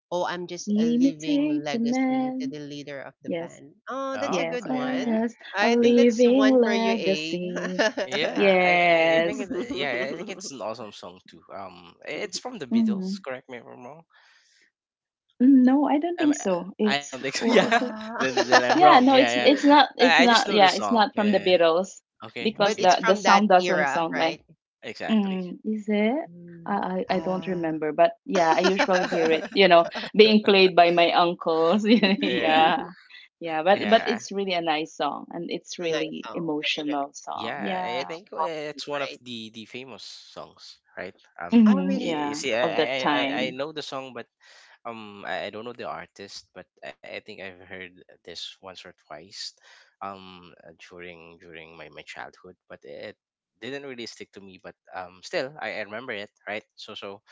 [SPEAKER 3] "Oh, I'm just a living
[SPEAKER 2] Imitate the
[SPEAKER 3] legacy to
[SPEAKER 2] man.
[SPEAKER 3] the leader of the
[SPEAKER 2] Yes,
[SPEAKER 3] band." Oh, that's a
[SPEAKER 1] Oh,
[SPEAKER 2] yes,
[SPEAKER 3] good
[SPEAKER 1] yeah,
[SPEAKER 2] or
[SPEAKER 3] one.
[SPEAKER 1] yeah.
[SPEAKER 2] yes, a
[SPEAKER 3] I think
[SPEAKER 1] The,
[SPEAKER 3] that's
[SPEAKER 2] living
[SPEAKER 3] one for you, A.
[SPEAKER 2] legacy.
[SPEAKER 1] yeah, I think
[SPEAKER 2] Yes.
[SPEAKER 1] it, yeah, I think it's an awesome song too. It's from the Beatles.
[SPEAKER 2] Mm-hmm.
[SPEAKER 1] Correct me if I'm wrong.
[SPEAKER 2] Mm, no, I don't
[SPEAKER 1] Um,
[SPEAKER 2] think so.
[SPEAKER 1] I don't think so. Yeah.
[SPEAKER 3] Ah.
[SPEAKER 1] Then I'm
[SPEAKER 2] Yeah,
[SPEAKER 1] wrong.
[SPEAKER 2] no,
[SPEAKER 1] Yeah, yeah.
[SPEAKER 3] Uh,
[SPEAKER 2] it's
[SPEAKER 1] I just
[SPEAKER 2] not,
[SPEAKER 1] know the
[SPEAKER 2] yeah, it's
[SPEAKER 1] song.
[SPEAKER 2] not from the
[SPEAKER 1] Yeah. Yeah.
[SPEAKER 2] Beatles
[SPEAKER 1] Okay.
[SPEAKER 2] because
[SPEAKER 3] but
[SPEAKER 1] Okay.
[SPEAKER 3] it's
[SPEAKER 2] the
[SPEAKER 3] from that
[SPEAKER 2] sound doesn't
[SPEAKER 3] era,
[SPEAKER 2] sound like.
[SPEAKER 3] right?
[SPEAKER 1] Exactly.
[SPEAKER 2] Mm, is it?
[SPEAKER 3] Mm,
[SPEAKER 2] I don't
[SPEAKER 3] ah.
[SPEAKER 2] remember, but yeah, I usually hear it, you know, being played by my uncles.
[SPEAKER 1] Yeah,
[SPEAKER 2] Yeah. Yeah, but
[SPEAKER 1] yeah,
[SPEAKER 2] it's really a nice song and it's
[SPEAKER 3] A nice
[SPEAKER 2] really
[SPEAKER 3] song. Very, very.
[SPEAKER 2] emotional song.
[SPEAKER 1] yeah.
[SPEAKER 3] It's
[SPEAKER 1] I
[SPEAKER 2] Yeah.
[SPEAKER 1] think
[SPEAKER 3] Foxy,
[SPEAKER 1] it's
[SPEAKER 3] right?
[SPEAKER 1] one of the famous songs, right?
[SPEAKER 3] Oh,
[SPEAKER 2] Mm-hmm,
[SPEAKER 3] really?
[SPEAKER 1] You
[SPEAKER 2] yeah,
[SPEAKER 1] see, I
[SPEAKER 2] of
[SPEAKER 1] I
[SPEAKER 2] that
[SPEAKER 1] I I I
[SPEAKER 2] time.
[SPEAKER 1] know the song, but I don't know the artist, but I think I've heard this once or twice during my childhood, but it didn't really stick to me. But I remember it, right? so so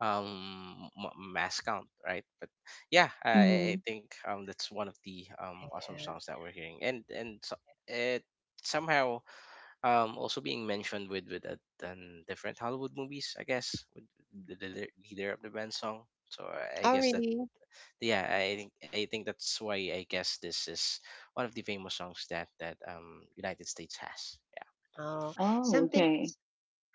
[SPEAKER 1] um m- mass count, right? But yeah,
[SPEAKER 2] Mm-hmm.
[SPEAKER 1] I think that's one of the awesome
[SPEAKER 3] Yeah.
[SPEAKER 1] songs that we're hearing. And it somehow also being mentioned with different Hollywood movies, I guess, with the leader of the band song. So I
[SPEAKER 3] Oh,
[SPEAKER 1] guess that
[SPEAKER 3] really?
[SPEAKER 1] yeah, I think that's why, I guess, this is one of the famous songs that that United States has. Yeah.
[SPEAKER 3] Oh,
[SPEAKER 2] Oh,
[SPEAKER 3] something.
[SPEAKER 2] okay.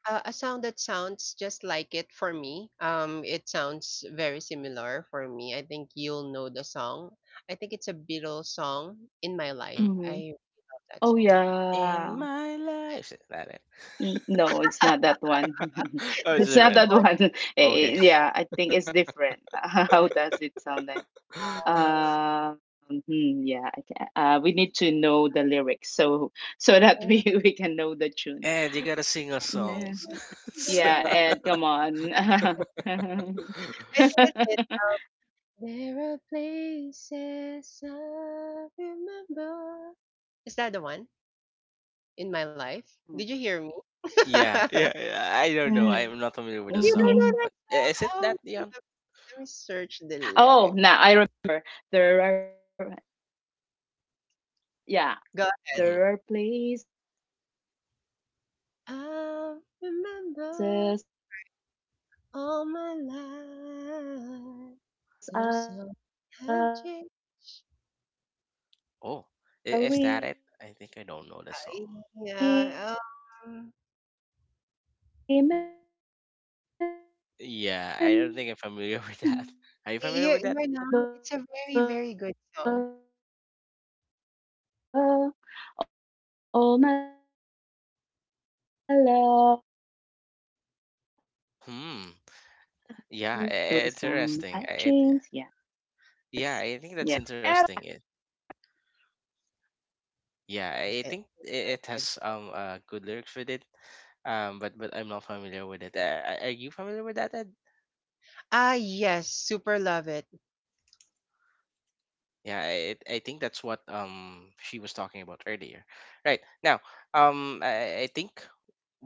[SPEAKER 3] A sound that sounds just like it for me. It sounds very similar for me. I think you'll know the song. I think it's a Beatles song, in my life.
[SPEAKER 1] Hmm.
[SPEAKER 2] Mm-hmm.
[SPEAKER 3] I love that
[SPEAKER 2] Oh,
[SPEAKER 3] song.
[SPEAKER 2] yeah.
[SPEAKER 1] In my life, is that it?
[SPEAKER 2] N- No, it's not that one.
[SPEAKER 1] Oh, it's
[SPEAKER 3] That's
[SPEAKER 2] It's not
[SPEAKER 3] from
[SPEAKER 1] different.
[SPEAKER 2] that
[SPEAKER 3] Bon.
[SPEAKER 2] one.
[SPEAKER 1] Okay.
[SPEAKER 2] Yeah, I think it's different. How does it sound like? Um, hmm, yeah, I can. We need to know the lyrics so so that we we can know the
[SPEAKER 1] And you gotta sing
[SPEAKER 2] tune.
[SPEAKER 1] us songs. So-
[SPEAKER 3] Um,
[SPEAKER 2] Nah.
[SPEAKER 3] I think that's
[SPEAKER 2] Yeah,
[SPEAKER 3] it.
[SPEAKER 2] Ed, come
[SPEAKER 3] There are
[SPEAKER 2] on.
[SPEAKER 3] places I remember. Is that the one, in my life? Did you hear me? You
[SPEAKER 1] yeah, yeah, yeah. I don't know. I'm not familiar with the
[SPEAKER 3] don't
[SPEAKER 1] song,
[SPEAKER 3] know that
[SPEAKER 1] but is it
[SPEAKER 3] song.
[SPEAKER 1] that, Dion?
[SPEAKER 3] Let me search the lyric. Go ahead.
[SPEAKER 1] Mm-hmm.
[SPEAKER 3] I remember all my life. Those songs
[SPEAKER 2] Mm-mm.
[SPEAKER 3] have changed.
[SPEAKER 1] Oh, is that it? I think I don't know the song.
[SPEAKER 3] Uh, Yeah, um,
[SPEAKER 2] Oh, now I remember. There are,
[SPEAKER 1] Yeah, I don't think I'm
[SPEAKER 2] yeah,
[SPEAKER 1] familiar with that. Are
[SPEAKER 2] there
[SPEAKER 1] you
[SPEAKER 2] are
[SPEAKER 1] familiar
[SPEAKER 3] you're,
[SPEAKER 1] with that?
[SPEAKER 3] you're not. It's a very,
[SPEAKER 2] places
[SPEAKER 3] very good song.
[SPEAKER 2] I remember all my life,
[SPEAKER 1] Hmm.
[SPEAKER 2] though
[SPEAKER 1] Yeah,
[SPEAKER 2] some
[SPEAKER 1] interesting.
[SPEAKER 2] have changed. Yeah,
[SPEAKER 1] Yeah, I think that's interesting.
[SPEAKER 2] yes, yes,
[SPEAKER 1] Yeah,
[SPEAKER 3] Yeah,
[SPEAKER 1] I
[SPEAKER 3] it's
[SPEAKER 1] think it
[SPEAKER 3] good.
[SPEAKER 1] has
[SPEAKER 2] hmm
[SPEAKER 1] good lyrics with it.
[SPEAKER 2] yes,
[SPEAKER 1] But I'm not
[SPEAKER 2] yeah,
[SPEAKER 1] familiar with it. Are you
[SPEAKER 2] yes.
[SPEAKER 1] familiar with that, Ed?
[SPEAKER 3] Ah,
[SPEAKER 2] Yeah, you don't
[SPEAKER 3] yes, super
[SPEAKER 2] know.
[SPEAKER 3] love it.
[SPEAKER 2] Yeah, you should know this.
[SPEAKER 1] Yeah,
[SPEAKER 2] This is
[SPEAKER 1] I think that's
[SPEAKER 2] Beatles,
[SPEAKER 1] what
[SPEAKER 2] you know.
[SPEAKER 1] she was talking
[SPEAKER 2] They're
[SPEAKER 1] about
[SPEAKER 2] alive
[SPEAKER 1] earlier. Right
[SPEAKER 2] forever.
[SPEAKER 1] now,
[SPEAKER 2] Like,
[SPEAKER 1] I think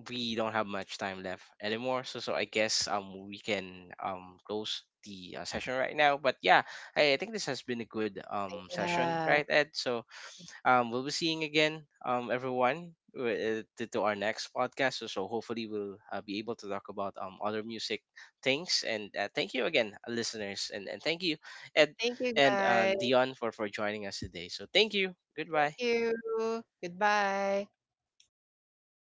[SPEAKER 1] we don't have much time left anymore.
[SPEAKER 2] yeah,
[SPEAKER 1] So, so I guess we can
[SPEAKER 2] yeah,
[SPEAKER 1] close the session right now. But yeah,
[SPEAKER 2] yes.
[SPEAKER 1] I think this has been a good
[SPEAKER 2] So what do we
[SPEAKER 1] session,
[SPEAKER 2] have?
[SPEAKER 3] Yeah.
[SPEAKER 1] right,
[SPEAKER 2] What
[SPEAKER 1] Ed? So,
[SPEAKER 2] else?
[SPEAKER 1] we'll be seeing
[SPEAKER 2] Yeah,
[SPEAKER 1] again everyone to
[SPEAKER 2] yes.
[SPEAKER 1] our
[SPEAKER 2] I
[SPEAKER 1] next
[SPEAKER 2] would say
[SPEAKER 1] podcast. So, so
[SPEAKER 2] it's my
[SPEAKER 1] hopefully we'll
[SPEAKER 2] turn.
[SPEAKER 1] be able to talk about other music things.
[SPEAKER 2] So
[SPEAKER 1] And
[SPEAKER 2] yeah,
[SPEAKER 1] thank you again, listeners,
[SPEAKER 2] so I
[SPEAKER 1] and thank you, Ed,
[SPEAKER 3] Thank you,
[SPEAKER 1] and
[SPEAKER 3] guys.
[SPEAKER 2] would say
[SPEAKER 1] Dion, for joining us
[SPEAKER 2] it's not
[SPEAKER 1] today. So thank
[SPEAKER 2] actually a
[SPEAKER 1] you.
[SPEAKER 2] turning
[SPEAKER 3] Thank
[SPEAKER 1] Goodbye.
[SPEAKER 2] point of
[SPEAKER 3] you.
[SPEAKER 2] my life, but it's
[SPEAKER 3] Goodbye.
[SPEAKER 2] something that, you know, a